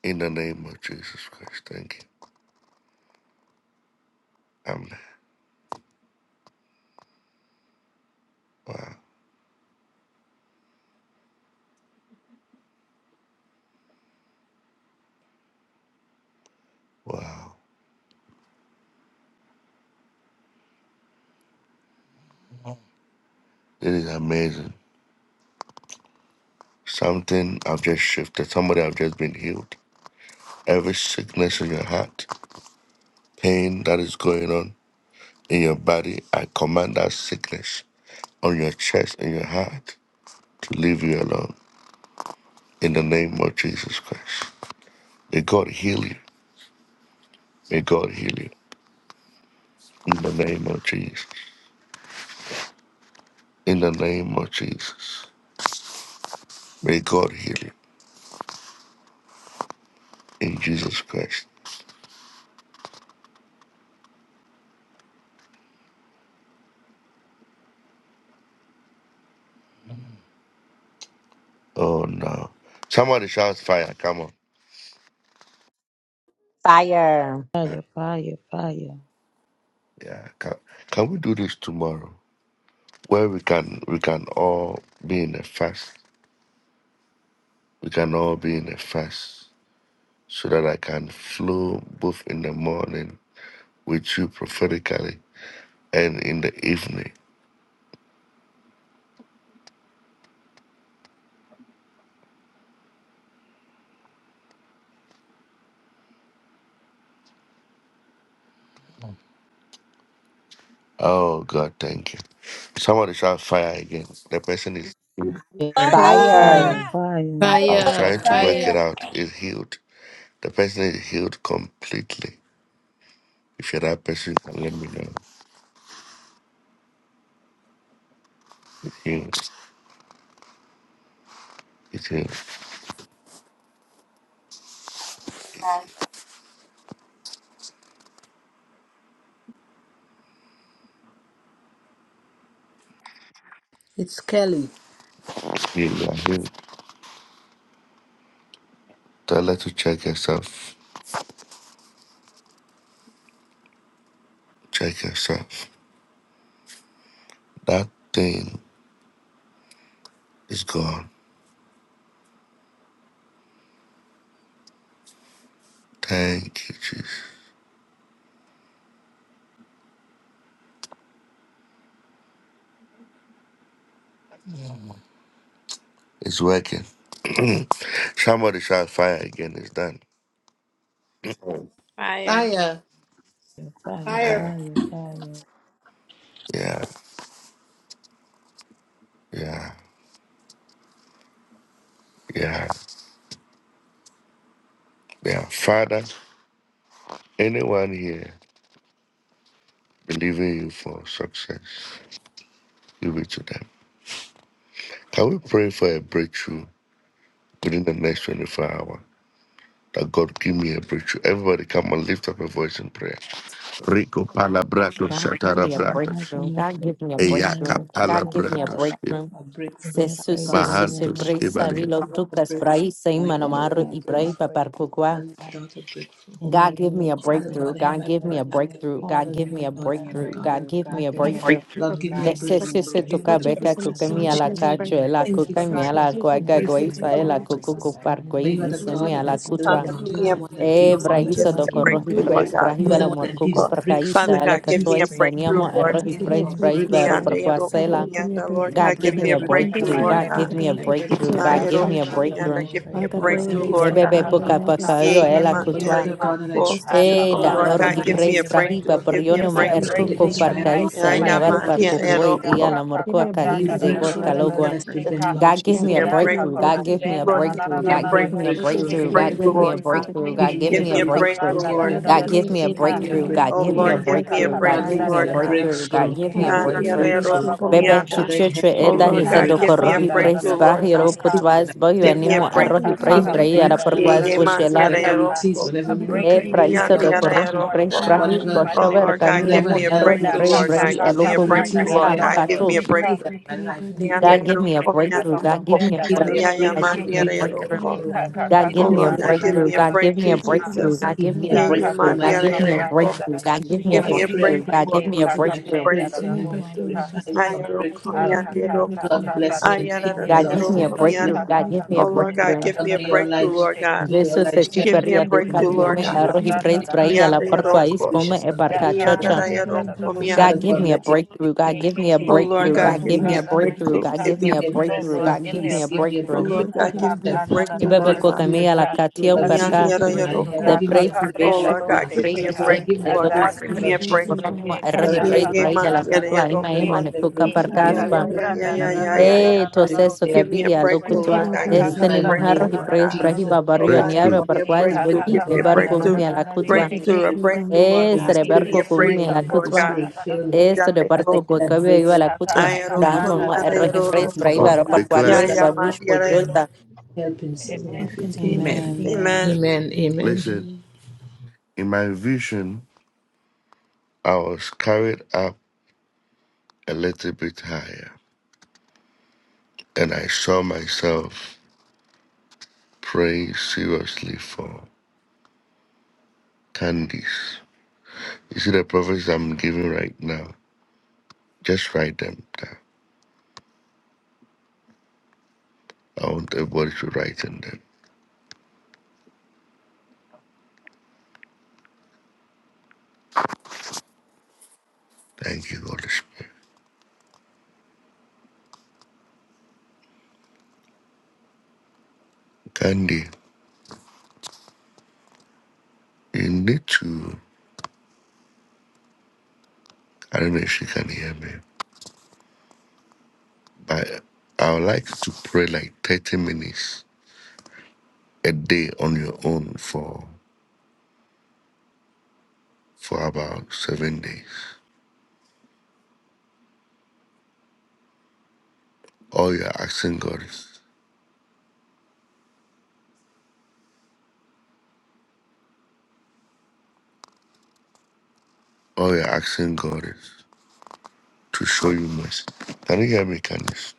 S1: In the name of Jesus Christ. Thank you. Amen. Wow. Wow. This is amazing. Something I've just shifted. Somebody I've just been healed. Every sickness in your heart, pain that is going on in your body, I command that sickness on your chest and your heart to leave you alone. In the name of Jesus Christ. May God heal you. May God heal you. In the name of Jesus. In the name of Jesus. May God heal you. In Jesus Christ. Oh no! Somebody shouts fire! Come on!
S4: Fire.
S1: Yeah,
S11: Fire, fire, fire.
S1: yeah. Can, can we do this tomorrow? Where we can we can all be in a fast. We can all be in a fast, so that I can flow both in the morning with you prophetically and in the evening. Oh God, thank you. Somebody shall fire again. The person is
S11: Yeah,
S9: Fire.
S11: fire,
S4: Fire.
S3: Fire!
S11: fire.
S1: I'm
S6: Fire.
S1: trying to work
S6: Fire.
S1: it out. Is healed. The person is healed completely. If you're that person, you can let me know. It's healed. It's healed.
S6: It's Kelly.
S1: Yeah, yeah. Tell her to check herself. Check herself. That thing is gone. Thank you, Jesus. It's working. (clears throat) Somebody shall fire again. It's done.
S2: Fire.
S6: Fire.
S11: Yeah, fire,
S7: fire.
S1: Yeah,
S11: fire, fire.
S1: yeah, yeah, yeah, yeah. Father, anyone here believing you for success, give it to them. Can we pray for a breakthrough within the next 24 hours? That God give me a breakthrough. Everybody, come and lift up a voice in prayer. Rico palabrato
S4: God, give me a
S11: Father
S1: shatara
S11: God, give
S4: breakthrough.
S11: me a
S4: God, give me a
S11: breakthrough in the name of
S4: breakthrough. God,
S11: Jesus.
S4: give me a
S6: God,
S11: Father
S6: we
S11: God,
S1: Eyakapalabratoship,
S6: pray
S4: breakthrough.
S6: for
S11: give
S4: Se
S6: breakthrough,
S11: me a
S6: Father
S4: su su
S11: breakthrough
S4: su
S6: God.
S11: in
S4: se
S11: the name of
S4: brisa
S6: Father
S1: Mahantoshibari.
S6: God,
S4: vilo
S6: give
S11: Jesus.
S6: us a
S4: tucas
S11: Father
S6: breakthrough.
S11: God,
S4: brai se
S6: My
S11: thank you in
S6: children,
S4: manomaru y
S11: advance
S6: a
S11: for my
S4: brai
S6: breakthrough.
S11: breakthrough, Father
S4: paparcuqua.
S6: Son and
S11: God.
S6: daughter, breakthrough.
S11: In the
S4: God, give
S11: name
S4: me
S11: of
S4: a
S6: Oh, Father
S11: Jesus,
S4: breakthrough.
S6: God, hear
S4: God,
S11: Father
S6: my
S4: give
S11: God,
S4: me
S6: prayer
S4: a
S11: give
S6: and
S11: me a
S6: I
S4: breakthrough.
S6: call
S4: God,
S6: on
S11: breakthrough,
S4: give me a
S6: you,
S11: Father
S6: Lord,
S11: God.
S6: Father
S4: breakthrough.
S6: God.
S4: God, give
S11: My
S4: me a
S9: Thank you
S11: family, a
S4: breakthrough.
S6: Lord,
S9: for,
S6: give
S11: breakthrough,
S6: me a
S11: my
S4: De se
S11: husband,
S9: for,
S4: se
S6: breakthrough.
S11: a
S4: se
S6: Give me
S9: for
S4: toca
S11: breakthrough,
S6: a
S9: Jesus
S4: beca
S11: Father
S9: in
S6: breakthrough,
S11: God.
S4: cuca
S11: I
S9: this
S6: Lord.
S4: mi
S9: month
S11: thank
S6: Jesus.
S9: of
S4: ala
S11: you in
S9: November.
S4: cacho,
S11: advance.
S4: ela
S6: Thank you
S4: cuca
S6: for
S4: mi
S11: My
S9: Thank you
S4: ala
S11: best
S9: pray for
S11: friend,
S4: guaga
S11: our
S6: praise
S9: breakthrough
S6: the
S11: kids,
S9: in
S4: guaisa,
S9: the
S6: name.
S11: a
S6: God.
S4: ela
S9: name of
S11: breakthrough,
S4: cucu
S11: Father
S9: Jesus.
S11: God. In the
S4: cuparguai
S6: For you are
S4: y
S11: name of
S6: the
S4: se
S9: Father God,
S6: God
S4: mi
S11: Jesus,
S9: we
S6: that
S4: ala
S9: pray
S6: is
S9: for
S11: everyone
S6: still,
S9: breakthrough,
S6: Lord.
S11: connected
S6: You're the
S11: to
S9: God.
S11: me.
S6: one that
S4: E
S6: gives. and
S9: In
S11: Father
S6: You're the
S4: brahiso
S6: one
S4: do
S11: God,
S9: Jesus,
S6: that
S9: we
S11: give
S6: takes.
S11: me a
S9: need
S4: corrohi
S9: breakthrough.
S4: praise
S11: breakthrough.
S6: You're the
S4: brahivera
S6: one that
S11: Give me
S4: morcuco
S11: a
S6: gives
S11: breakthrough.
S4: per caisa
S6: breakthrough,
S4: ele
S6: Lord
S4: catoi
S6: Jesus. And tonight
S4: saniamo
S6: I'm
S11: Father
S9: God,
S11: God,
S4: errohi
S6: asking
S9: Give
S6: you
S11: give
S9: me a
S6: for
S11: me
S4: praise
S11: a
S9: breakthrough,
S4: brahivero
S6: breakthrough.
S11: breakthrough.
S4: per
S9: God. Father
S4: quasela.
S9: God, give me a breakthrough.
S4: God
S6: Give
S4: give
S5: In
S6: me a
S11: Father
S4: me a
S6: breakthrough,
S11: God,
S9: In
S5: the
S11: give
S9: this
S4: breakthrough.
S6: Lord
S5: mighty
S11: me
S6: God
S11: a
S4: God
S9: month,
S5: name of
S4: give
S9: Father
S6: Jesus.
S4: me a
S9: God,
S6: I
S9: we
S5: Jesus.
S11: breakthrough.
S6: pray
S9: pray
S6: that you
S9: for
S4: breakthrough.
S9: a
S6: come,
S4: God
S5: That's
S4: give
S5: how
S4: me
S9: breakthrough.
S4: a
S6: Lord God.
S5: Santa
S11: Give me
S4: breakthrough.
S11: a
S5: Lucia
S9: Father
S5: did.
S9: God,
S11: breakthrough,
S6: Oh, I
S9: where
S5: Three,
S9: we've
S11: Father
S6: thank
S5: three,
S9: been
S6: you
S11: God.
S5: eight,
S6: for
S9: stuck,
S4: Bebe
S11: Give me
S5: that's
S4: be
S11: a breakthrough.
S5: how
S9: Father
S11: Give me a breakthrough, Father.
S5: come
S9: God,
S6: Lord
S4: puka
S11: God,
S5: in
S9: help
S6: Jesus.
S9: us
S4: poca
S9: to
S5: Santa,
S4: yo
S5: and I
S9: sit
S5: don't
S9: in
S4: ela
S5: know
S9: you.
S11: Give
S6: For
S5: she
S11: me
S6: you are
S4: cutua.
S5: keep
S6: the
S5: us.
S6: God that I
S9: Help
S6: trust.
S9: us to
S5: That's
S6: You are
S9: see
S5: how
S9: it
S4: E da
S6: God,
S5: Santa,
S9: out,
S6: you
S5: and
S6: are
S5: I don't
S4: or
S11: a
S4: i
S9: Father
S5: know that
S6: mighty
S9: God.
S4: praise
S5: she
S6: and
S11: breakthrough,
S6: true.
S5: brings
S11: Father
S4: brahiva
S6: God.
S5: it.
S11: God. Give
S9: Give
S11: me a
S5: Give
S9: us
S5: me
S9: a
S4: brionuma
S5: a
S6: You
S11: breakthrough,
S6: free
S9: breakthrough,
S6: the
S4: ercuco
S5: breakthrough
S9: Father
S11: Father.
S4: per
S6: Israel,
S9: God.
S5: tonight
S6: Lord.
S4: caisa
S5: in the
S9: Give me a
S5: mighty name
S6: Provide
S4: eniavar
S5: of
S4: per
S9: breakthrough,
S6: matter
S5: Jesus.
S6: for
S9: God.
S6: them,
S4: cucuoi
S5: Every
S6: Lord.
S5: day,
S4: iana
S5: Santa,
S9: Give
S4: morcua
S9: me
S5: Santa,
S9: a
S11: Give me a
S5: Santa,
S6: You
S9: breakthrough,
S5: da,
S4: cahize
S5: da,
S6: break
S9: Father
S11: breakthrough,
S5: da,
S6: through
S5: da,
S6: the
S5: da,
S9: God.
S11: Father.
S5: da,
S4: bocalogua.
S5: da,
S6: wilderness
S11: Give
S5: she
S6: with
S11: me a breakthrough.
S6: them,
S5: can't.
S6: Lord
S4: God give
S6: Jesus.
S4: me
S9: Father
S4: a
S11: Father
S6: And
S9: God,
S5: Yeah,
S9: give me a
S4: breakthrough.
S5: Santa,
S6: my God,
S4: God
S5: go
S9: breakthrough,
S4: give me a
S5: stand
S9: Father
S5: down, and
S9: God.
S11: God,
S5: I,
S4: breakthrough.
S5: and
S11: give
S5: I,
S11: me
S6: give
S4: God
S5: and
S6: me
S11: a
S6: a
S5: I
S4: give
S5: know
S4: me a
S11: breakthrough,
S9: Lord
S5: she
S6: breakthrough.
S11: Father
S5: can't
S9: Jesus,
S4: breakthrough.
S6: Give
S9: give me
S11: God,
S6: me
S5: break
S4: God
S9: a
S6: a
S11: give
S5: you,
S4: give
S11: me
S4: me a
S9: breakthrough,
S5: Lord.
S11: a
S6: breakthrough.
S9: Father
S4: breakthrough.
S11: breakthrough,
S5: Quick,
S9: God.
S5: quick,
S6: Give
S4: God
S11: Father
S6: me
S4: give
S5: quick,
S6: a
S4: me
S5: her
S4: a
S5: come,
S4: breakthrough.
S6: breakthrough.
S5: Santa,
S6: Give
S5: da,
S6: me
S5: da,
S6: a
S9: Father
S11: God,
S9: God,
S5: da, da,
S4: God
S11: give
S9: give
S11: me
S5: da,
S9: me
S4: give
S9: a
S11: a
S6: breakthrough.
S4: me a
S5: she
S6: Give
S5: can't.
S11: breakthrough,
S9: breakthrough,
S6: me a
S4: breakthrough.
S11: Father
S4: God
S9: God.
S5: A
S6: breakthrough,
S4: give
S9: Give
S11: God,
S5: breakthrough,
S4: me
S6: Lord.
S9: me
S4: a
S9: a breakthrough,
S4: breakthrough.
S9: Lord
S4: God
S11: God,
S6: God,
S4: give
S6: give
S11: give me
S4: me a
S9: Jesus.
S6: me
S11: a
S6: a
S11: breakthrough,
S4: breakthrough. God
S6: breakthrough.
S4: give me
S9: Father
S4: a
S6: Give
S9: God,
S6: me a
S9: give me a
S4: breakthrough.
S6: breakthrough.
S9: breakthrough,
S11: give
S6: Oh,
S9: God.
S11: me
S4: Bebe
S11: a
S6: Father
S11: breakthrough,
S6: in
S4: chuchuchu
S6: heaven,
S9: Father
S6: give
S4: eda
S9: God,
S6: me a
S9: give
S4: hisa
S9: me a
S4: doko
S6: breakthrough.
S9: breakthrough.
S6: Give
S4: rohi
S6: me a
S4: praise
S6: breakthrough.
S11: God,
S6: I
S4: brahiro
S6: receive it and I
S4: putwas boyu
S6: thank you,
S4: animo a
S6: Lord.
S9: Father God,
S4: rohi
S9: give me
S6: Give
S4: praise
S9: a
S6: me a
S4: brahi ala
S9: breakthrough.
S6: breakthrough, Lord
S4: perkwas
S6: Jesus.
S4: bushela
S6: Whatever it is, whatever
S9: Father God,
S4: e
S6: miracle
S9: give
S6: it
S9: me a
S6: is,
S4: prahisa
S9: breakthrough,
S6: Lord
S5: breakthrough
S4: doko
S9: God.
S6: Jesus.
S5: comes
S4: rohi
S5: forth
S4: praise
S9: Father
S4: brahi
S9: God,
S5: now in
S9: give
S5: the
S9: me
S6: Whatever,
S9: a
S5: mighty name
S4: boshover
S5: of
S9: breakthrough in the
S11: give me a
S4: kami
S9: mighty
S5: Jesus.
S6: whatever
S4: amu
S9: name
S4: a
S9: of
S6: help,
S4: rohi
S9: Jesus.
S5: Da,
S6: Lord
S4: praise
S5: ka, ka,
S6: Jesus.
S4: brahi
S5: ka, ka,
S9: Lord,
S6: Whatever
S4: alopo
S9: give
S5: ba,
S9: me a
S6: it
S5: da,
S6: is,
S5: da, da, da, da,
S9: breakthrough,
S6: whatever,
S5: da,
S4: mushmial
S9: give
S6: Lord, you
S9: me a
S5: shake,
S6: see
S5: ka.
S6: that
S9: breakthrough,
S6: my
S9: give me a
S6: life
S11: breakthrough, give me a breakthrough, give me a breakthrough, God, give me a breakthrough, give me a breakthrough,
S6: need. Give
S9: breakthrough.
S6: me
S4: God give me a
S5: Mm,
S6: a breakthrough.
S5: ka,
S4: breakthrough.
S6: Lord.
S5: ka, ko,
S4: God
S9: Father
S4: give
S5: ben,
S9: God,
S4: me a
S5: da,
S9: give
S5: da,
S9: me
S6: Give
S9: a
S5: da,
S6: me a
S4: breakthrough.
S5: da,
S4: God
S9: breakthrough,
S5: shake, ka.
S4: give
S6: breakthrough.
S9: God.
S4: me a
S6: Give me a
S4: breakthrough.
S9: Give me a
S5: Mm,
S6: breakthrough,
S5: ka,
S6: Lord.
S9: breakthrough,
S5: ka,
S9: Lord
S4: God
S5: ka,
S6: Give
S5: ka,
S4: give
S6: me a
S4: me a
S9: Jesus.
S5: ba, da, da, da,
S6: breakthrough.
S4: breakthrough.
S5: da, da,
S4: God give
S5: da,
S4: me a
S9: Father
S5: shake,
S9: God, give
S5: ka.
S9: me a
S4: breakthrough. God
S6: Give
S4: give
S9: breakthrough,
S6: me
S4: me a
S6: a
S5: Da
S9: God.
S5: ka
S6: breakthrough,
S4: breakthrough.
S5: ka
S6: my
S5: ka
S4: God give
S5: ka
S4: me a
S6: Father.
S5: pranda da
S4: breakthrough.
S5: da do
S4: God
S5: shi
S9: Heavenly
S4: give me
S6: Oh,
S4: a
S9: Father,
S6: I
S9: give
S5: ke.
S9: me
S6: pray,
S9: a
S6: I
S4: breakthrough.
S6: cry
S4: God
S9: breakthrough.
S6: unto
S4: give
S5: E
S4: me
S6: you
S4: a
S5: ka ka
S6: tonight. I
S4: breakthrough.
S5: prenda da
S6: praise your
S9: Give
S5: da
S9: me a
S6: name.
S5: do
S6: I
S5: shi
S9: breakthrough, Lord
S5: ka.
S6: glorify you
S5: A
S6: for
S9: Jesus.
S6: a
S4: God give
S6: grateful
S9: Father
S6: love.
S9: God,
S5: ka
S9: give me a
S4: me
S5: ka
S4: a
S5: ka
S4: breakthrough.
S6: Lord,
S9: breakthrough.
S5: ka da
S6: bless me
S5: do
S6: and
S5: shi
S6: keep me,
S5: ke.
S4: God
S6: Lord.
S9: Father
S6: May Lord
S9: God,
S5: E
S9: give
S6: bless
S9: me
S5: ka
S9: a
S5: ka
S6: me and
S4: give
S5: ka
S4: me
S9: breakthrough,
S4: a
S5: ka
S6: keep
S5: o
S6: me.
S9: God.
S5: da da
S4: breakthrough.
S5: da
S6: Lord,
S5: da
S6: may
S5: da
S6: your
S5: da
S11: give
S5: da do
S6: light,
S5: shi ke.
S11: me
S6: may
S11: a breakthrough,
S6: your
S4: Jesus se
S6: light
S4: ti
S9: Father
S6: shine
S9: God,
S5: E
S9: give
S6: upon
S4: perria
S5: ke
S9: me a
S4: de
S6: me, Lord
S9: breakthrough,
S4: cadio
S6: God
S4: me
S5: ka
S9: God.
S5: ka
S6: Jesus.
S4: arro
S6: May
S9: Give
S4: he
S9: me a
S6: your
S5: pranda da
S6: face
S4: praise
S5: da
S9: breakthrough,
S5: da
S4: brai
S5: do
S6: shine
S9: Lord
S4: la
S6: upon
S4: parco
S6: me,
S9: Jesus.
S5: ka.
S6: be
S4: ais pome
S6: gracious
S4: e
S6: unto
S5: Da
S4: parca
S5: ka ka
S6: me.
S9: Father
S4: chocha.
S9: God, give
S5: prenda
S9: me a
S5: da da
S6: Oh,
S5: do
S9: breakthrough,
S11: God.
S6: Father
S4: God
S9: God.
S4: give
S5: shi
S6: God,
S4: me
S5: ke.
S4: a
S6: let your grace
S4: breakthrough.
S6: shine
S4: God give me a
S6: through me,
S5: Oh
S4: breakthrough.
S9: Thank
S6: Lord,
S9: you,
S4: God
S6: and
S4: give
S6: give
S4: me
S6: me
S4: a
S9: Jesus.
S6: a
S9: Thank
S6: break.
S9: you,
S4: breakthrough. God
S9: Jesus.
S4: give
S9: Thank
S4: me
S6: Give
S9: you,
S4: a
S6: me a
S9: Jesus.
S4: breakthrough.
S6: breakthrough in
S5: Lord,
S4: God
S5: give
S4: give
S5: me a
S4: me
S6: peace.
S4: a
S6: Give me a
S5: breakthrough.
S4: breakthrough.
S5: Yeah,
S6: breakthrough
S9: Father, you
S6: in
S5: ka
S9: give me
S5: ka
S9: a
S6: connection.
S9: breakthrough,
S5: pranda da da
S9: God.
S5: da
S4: Ibebe
S5: da do
S6: Give me a
S4: kokamia la
S5: shika.
S6: breakthrough,
S4: katio
S5: A
S6: Lord
S9: Father,
S6: Jesus,
S4: perka
S9: God,
S5: speedy
S9: give me a
S6: in my
S5: breakthrough.
S6: head.
S4: de
S5: Yeah,
S9: breakthrough.
S6: Give
S5: ka
S6: me a
S4: praise
S5: ka
S6: breakthrough,
S5: pranda
S6: Lord
S4: beshu
S5: do
S6: Jesus,
S4: praise
S6: in my
S5: shika.
S6: home.
S4: sem
S6: Give
S4: de
S6: me
S5: A
S6: a
S5: God
S4: topas
S9: Give
S6: breakthrough,
S9: me a
S6: Lord
S5: speedy
S6: Jesus,
S9: breakthrough,
S5: breakthrough.
S4: programa
S9: God.
S4: wa
S5: Yeah,
S9: Give
S5: ka
S9: me
S4: erhi
S9: a
S5: ka
S6: wherever
S4: praise
S5: ka
S6: you
S9: breakthrough.
S5: ka
S4: praise
S6: send
S4: la
S5: pranda
S6: me.
S5: do
S4: kutwa ima
S6: Give
S4: ima ne
S5: shika.
S6: me a
S4: kuka
S5: Yeah,
S9: Father, God,
S6: breakthrough.
S5: ka
S9: give
S6: Give me
S9: me
S6: a
S5: ka
S9: a
S5: ka
S4: perkaspa
S9: breakthrough,
S6: breakthrough.
S5: pranda
S6: Give
S5: na
S9: Father,
S6: me a
S5: na na
S9: God.
S6: breakthrough.
S5: na na na
S4: eh
S5: na na
S6: Praise your
S5: do
S4: toseso
S6: name
S5: shika. Yeah,
S4: gabilia
S5: ka
S4: lo
S9: Father, give
S5: ka
S4: kutwa
S9: me a
S5: ka
S4: este
S9: breakthrough.
S6: glorify
S4: ne
S6: your
S5: pranda
S4: mojarro
S5: na
S6: name,
S4: y
S5: na
S6: Lord
S5: na na
S4: praise
S5: na na
S6: Jesus.
S5: do
S4: brahiba barrio
S5: shika.
S6: I
S4: niaro
S1: Breakthrough.
S6: call on
S5: Yeah,
S4: barquaz
S6: you,
S5: ka ka
S6: Father
S4: bogi
S5: ka
S4: de
S6: God, give
S5: pranda
S4: barco
S6: me
S5: na
S6: a
S5: na
S4: mi
S5: na
S4: la
S5: na do
S6: breakthrough,
S4: kutwa
S6: give
S5: shika.
S9: Miracle
S6: me a
S5: Yeah, ka
S9: breakthrough,
S5: ka
S6: breakthrough.
S5: ka
S9: God.
S4: eh
S6: Holy
S4: sere
S6: Spirit,
S4: barco con
S5: pranda
S4: mi
S5: na
S6: fill
S4: la
S6: me, Holy
S4: kutwa
S6: Spirit,
S5: na na na
S6: fill
S5: do
S6: me.
S4: esto de
S5: shika.
S6: As I
S4: barco
S6: get a
S4: bocabe iba
S6: breakthrough,
S4: la kutwa
S6: it
S4: gran
S6: be
S4: mamá
S6: a
S4: erhi praise
S6: contentment
S1: Come
S6: with
S1: on,
S6: God,
S4: brahiba
S6: may it
S4: barquaz
S6: be
S1: declare.
S6: something that
S4: babush
S6: will be
S4: pojolta
S6: helping someone
S5: Amen.
S9: Father,
S6: with
S9: God,
S6: it.
S9: give me a
S6: Amen.
S11: Amen,
S9: breakthrough, God.
S11: man.
S6: Amen. Amen.
S1: Listen,
S9: Amen.
S1: in my vision, I was carried up a little bit higher, and I saw myself praying seriously for candies. You see the prophets I'm giving right now? Just write them down. I want everybody to write in them. Thank you, Holy Spirit. Candy, you need to. I don't know if she can hear me. I I would like to pray like thirty minutes a day on your own for for about seven days. All you're asking God is all you're asking God is to show you mercy. Can you hear me, Candice?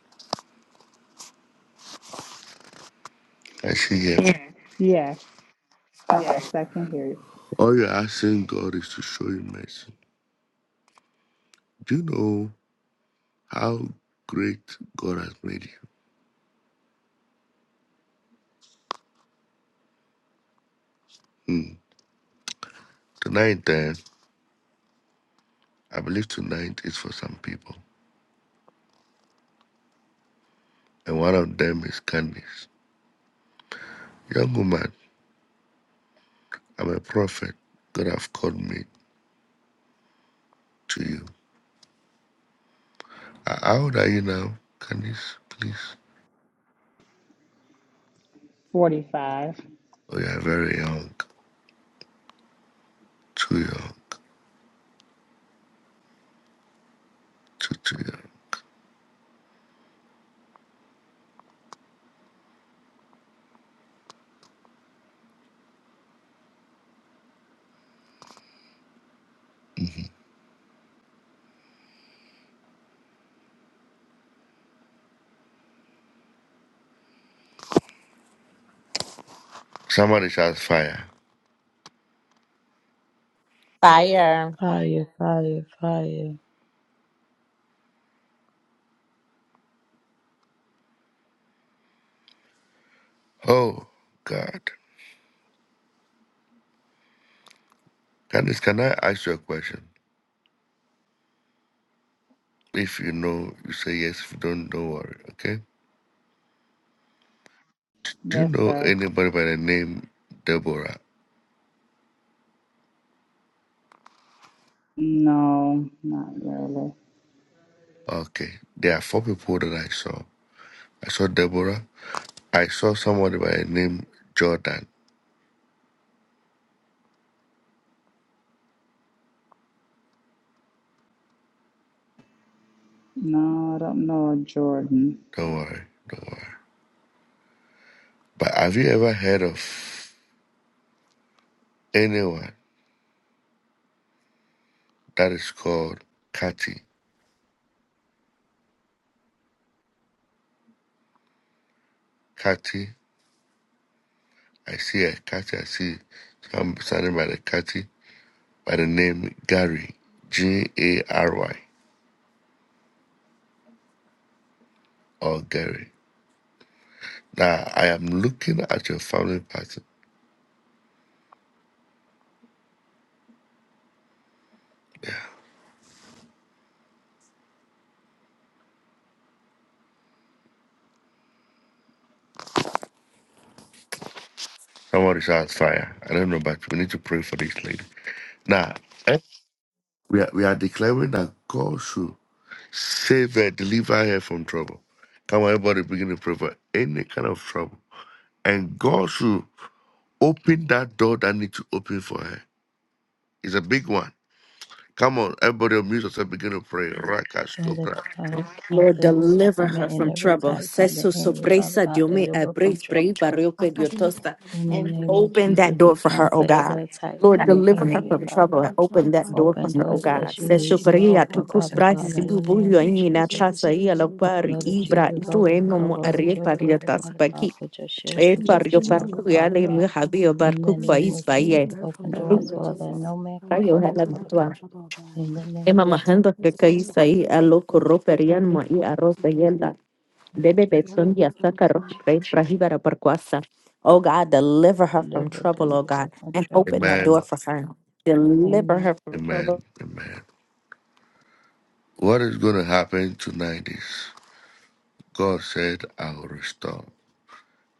S1: I see here. Yeah.
S14: Yes, yes, I can hear you.
S1: All you're asking God is to show you mercy. Do you know how great God has made you? Hmm. Tonight, then, I believe tonight is for some people, and one of them is Candice. Young woman, I'm a prophet. God have called me to you. Uh, How old are you now? Can you s- please?
S14: 45.
S1: Oh, you are very young. Too young. Too, too young. Somebody shouts fire.
S4: fire
S11: Fire, fire, fire.
S1: Oh, God. Candice, can I ask you a question? If you know, you say yes. If you don't, don't worry, okay? Do you
S14: Yes,
S1: know
S14: sir.
S1: anybody by the name Deborah?
S14: No, not really.
S1: Okay. There are four people that I saw. I saw Deborah. I saw somebody by the name Jordan.
S14: No, I don't know a Jordan.
S1: Don't worry, don't worry. But have you ever heard of anyone? that is called Kati. Kati, I see it. Kati, I see it. So I'm standing by the Kati by the name Gary, G A R Y, or Gary. Now, I am looking at your family pattern. Someone is on fire. I don't know, but we need to pray for this lady. Now, eh, we are, we are declaring that God should save her, deliver her from trouble. Come on, everybody begin to pray for any kind of trouble. And God should open that door that needs to open for her. It's a big one. Come on, everybody unmute yourself, begin to pray.
S11: Father
S1: Rakastopra.
S11: God,
S4: Lord,
S11: cancel every
S4: deliver her
S11: assignment and
S4: from
S11: every
S4: trouble.
S11: attack from the
S4: Sesu
S11: enemy. Father
S4: sorpresa,
S11: God,
S4: Dios me
S11: deliver
S4: abre,
S11: from trouble.
S4: barrio, pe,
S11: Father
S9: Father, to deliver her
S11: In the
S9: from,
S4: And
S11: name of
S4: open that
S11: Jesus,
S4: door
S11: we
S4: for her, oh
S11: cancel
S4: God.
S11: every attack
S4: Lord,
S11: from
S9: deliver
S11: the
S9: her,
S4: deliver her
S9: Father,
S11: enemy,
S4: from
S9: God,
S11: Father
S9: from
S4: trouble and
S11: God.
S9: every
S4: open
S9: trouble,
S4: that
S9: Father,
S4: door for
S9: God.
S11: Open
S9: Give
S4: her,
S9: her
S4: oh
S11: doors
S9: the
S11: that
S4: God.
S9: open
S11: she
S9: God
S11: needs
S4: Sesu
S9: in
S11: you
S9: her
S11: to
S9: life,
S4: pria, tu
S11: open,
S9: Father, God.
S11: Father God, in
S4: brazis, ibu
S11: the name
S9: Lord
S4: bulio,
S11: of
S4: in
S9: Jesus, the
S11: Jesus.
S9: door that she's been
S4: ia la
S9: willing
S11: The
S9: to walk
S11: blood of
S9: into, Father,
S4: ibra, i
S11: Jesus
S9: God, we
S11: over,
S4: emo
S9: pray that
S4: mo
S9: it
S11: cover
S9: is
S11: with
S4: arrie
S11: your
S9: open, oh
S4: paria
S9: God.
S11: blood, Father God.
S4: paki.
S11: Put your shield of
S4: E
S9: Jesus,
S4: fario
S11: protection
S9: deliver
S11: over,
S9: her
S4: parku,
S9: from
S4: ia
S11: Father
S4: mi
S11: God.
S9: trouble, God.
S4: habio
S11: In
S4: barku,
S11: the
S9: Lord
S11: name
S4: pais,
S11: of
S9: Jesus,
S11: Jesus,
S9: deliver
S4: paie.
S9: her from
S11: open
S9: trouble,
S11: doors,
S4: Rayo,
S9: Lord
S11: Father, that
S9: Jesus.
S11: no man
S9: Father
S11: can
S9: God,
S11: close,
S4: hala
S9: deliver her
S11: Father God.
S9: from
S4: bitua.
S9: trouble, oh God.
S11: In the
S4: E
S11: name of Jesus.
S9: Father
S4: mamahando
S9: God,
S4: que
S11: Yes,
S9: deliver
S4: caís
S9: her from
S4: ahí, a
S9: trouble,
S4: loco
S9: God.
S4: roperian, mo i arroz de yelda. Bebe
S11: the
S9: Deliver
S11: blood
S9: her
S11: of
S9: from
S4: Betsunia
S9: trouble, oh
S4: Sakaro,
S9: God.
S11: Jesus.
S4: great Rahibara Parkwasa. Oh God, deliver her from
S11: Deliver,
S4: trouble, oh God,
S11: deliver from
S4: and
S11: trouble,
S4: open that
S11: Father.
S4: door
S1: Amen.
S4: for her. Deliver
S11: Amen.
S4: her from trouble.
S1: Amen. Amen. What is going to happen tonight is God said, I will restore.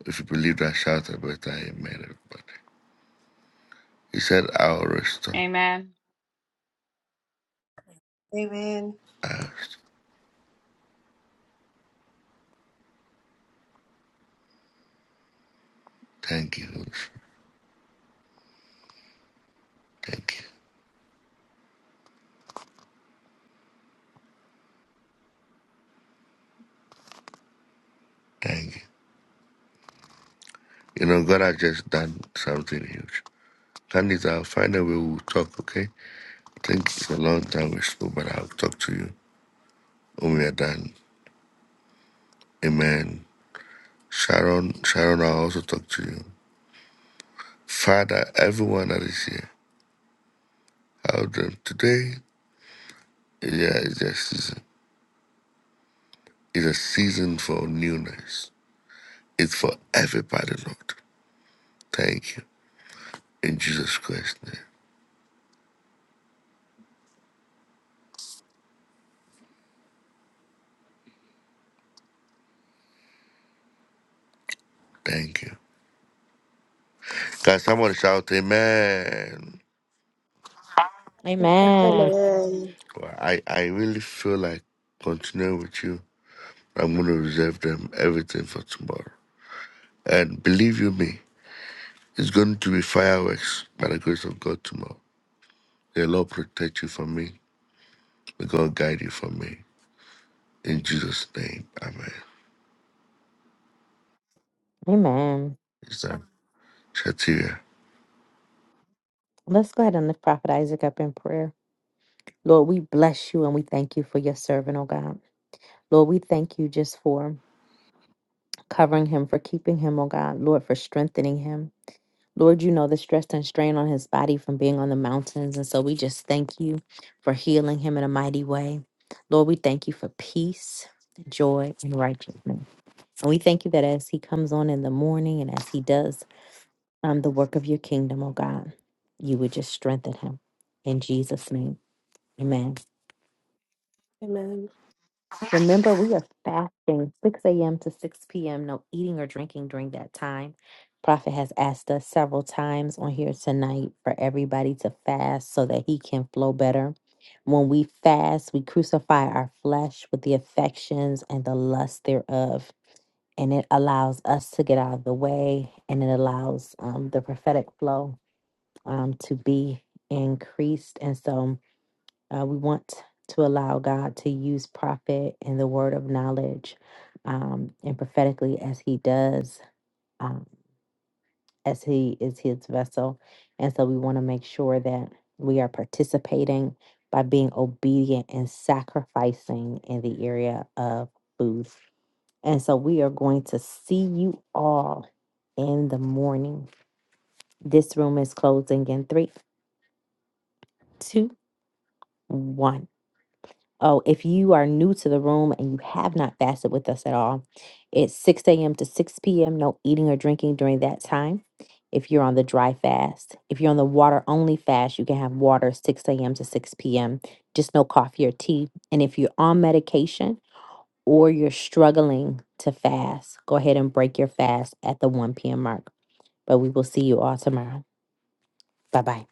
S1: If you believe that, shout a better amen, everybody. He said, I will restore.
S13: Amen.
S7: Amen.
S1: I Thank you. Holy Spirit. Thank you. Thank you. You know, God has just done something huge. Candice, I'll find a way we'll talk, okay? Thank you for a long time we spoke, but I'll talk to you when we are done. Amen. Sharon, Sharon, I'll also talk to you. Father, everyone that is here, of How them today, yeah, it's a season. It's a season for newness. It's for everybody, Lord. Thank you. In Jesus Christ's name. Thank you. Can someone shout amen?
S4: Amen.
S9: Amen.
S1: Well, I, I really feel like continuing with you. I'm going to reserve them everything for tomorrow. And believe you me, it's going to be fireworks by the grace of God tomorrow. The Lord protect you from me. May God guide you from me. In Jesus' name, Amen.
S4: Amen.
S1: Is that Shatira?
S4: Let's go ahead and lift Prophet Isaac up in prayer. Lord, we bless you and we thank you for your servant, oh God. Lord, we thank you just for covering him, for keeping him, oh God. Lord, for strengthening him. Lord, you know the stress and strain on his body from being on the mountains. And so we just thank you for healing him in a mighty way. Lord, we thank you for peace, joy, and righteousness. And we thank you that as he comes on in the morning and as he does um, the work of your kingdom, oh God, you would just strengthen him. In Jesus' name, amen.
S9: Amen.
S4: Remember, we are fasting 6 a.m. to 6 p.m. No eating or drinking during that time. Prophet has asked us several times on here tonight for everybody to fast so that he can flow better. When we fast, we crucify our flesh with the affections and the lust thereof. And it allows us to get out of the way and it allows um, the prophetic flow um, to be increased. And so, uh, we want to allow God to use prophet and the word of knowledge um, and prophetically as he does, um, as he is his vessel. And so we want to make sure that we are participating by being obedient and sacrificing in the area of food. And so we are going to see you all in the morning. This room is closing in three, two, one. Oh, if you are new to the room and you have not fasted with us at all, it's 6 a.m. to 6 p.m. No eating or drinking during that time. If you're on the dry fast, if you're on the water only fast, you can have water 6 a.m. to 6 p.m., just no coffee or tea. And if you're on medication or you're struggling to fast, go ahead and break your fast at the 1 p.m. mark. But we will see you all tomorrow. Bye bye.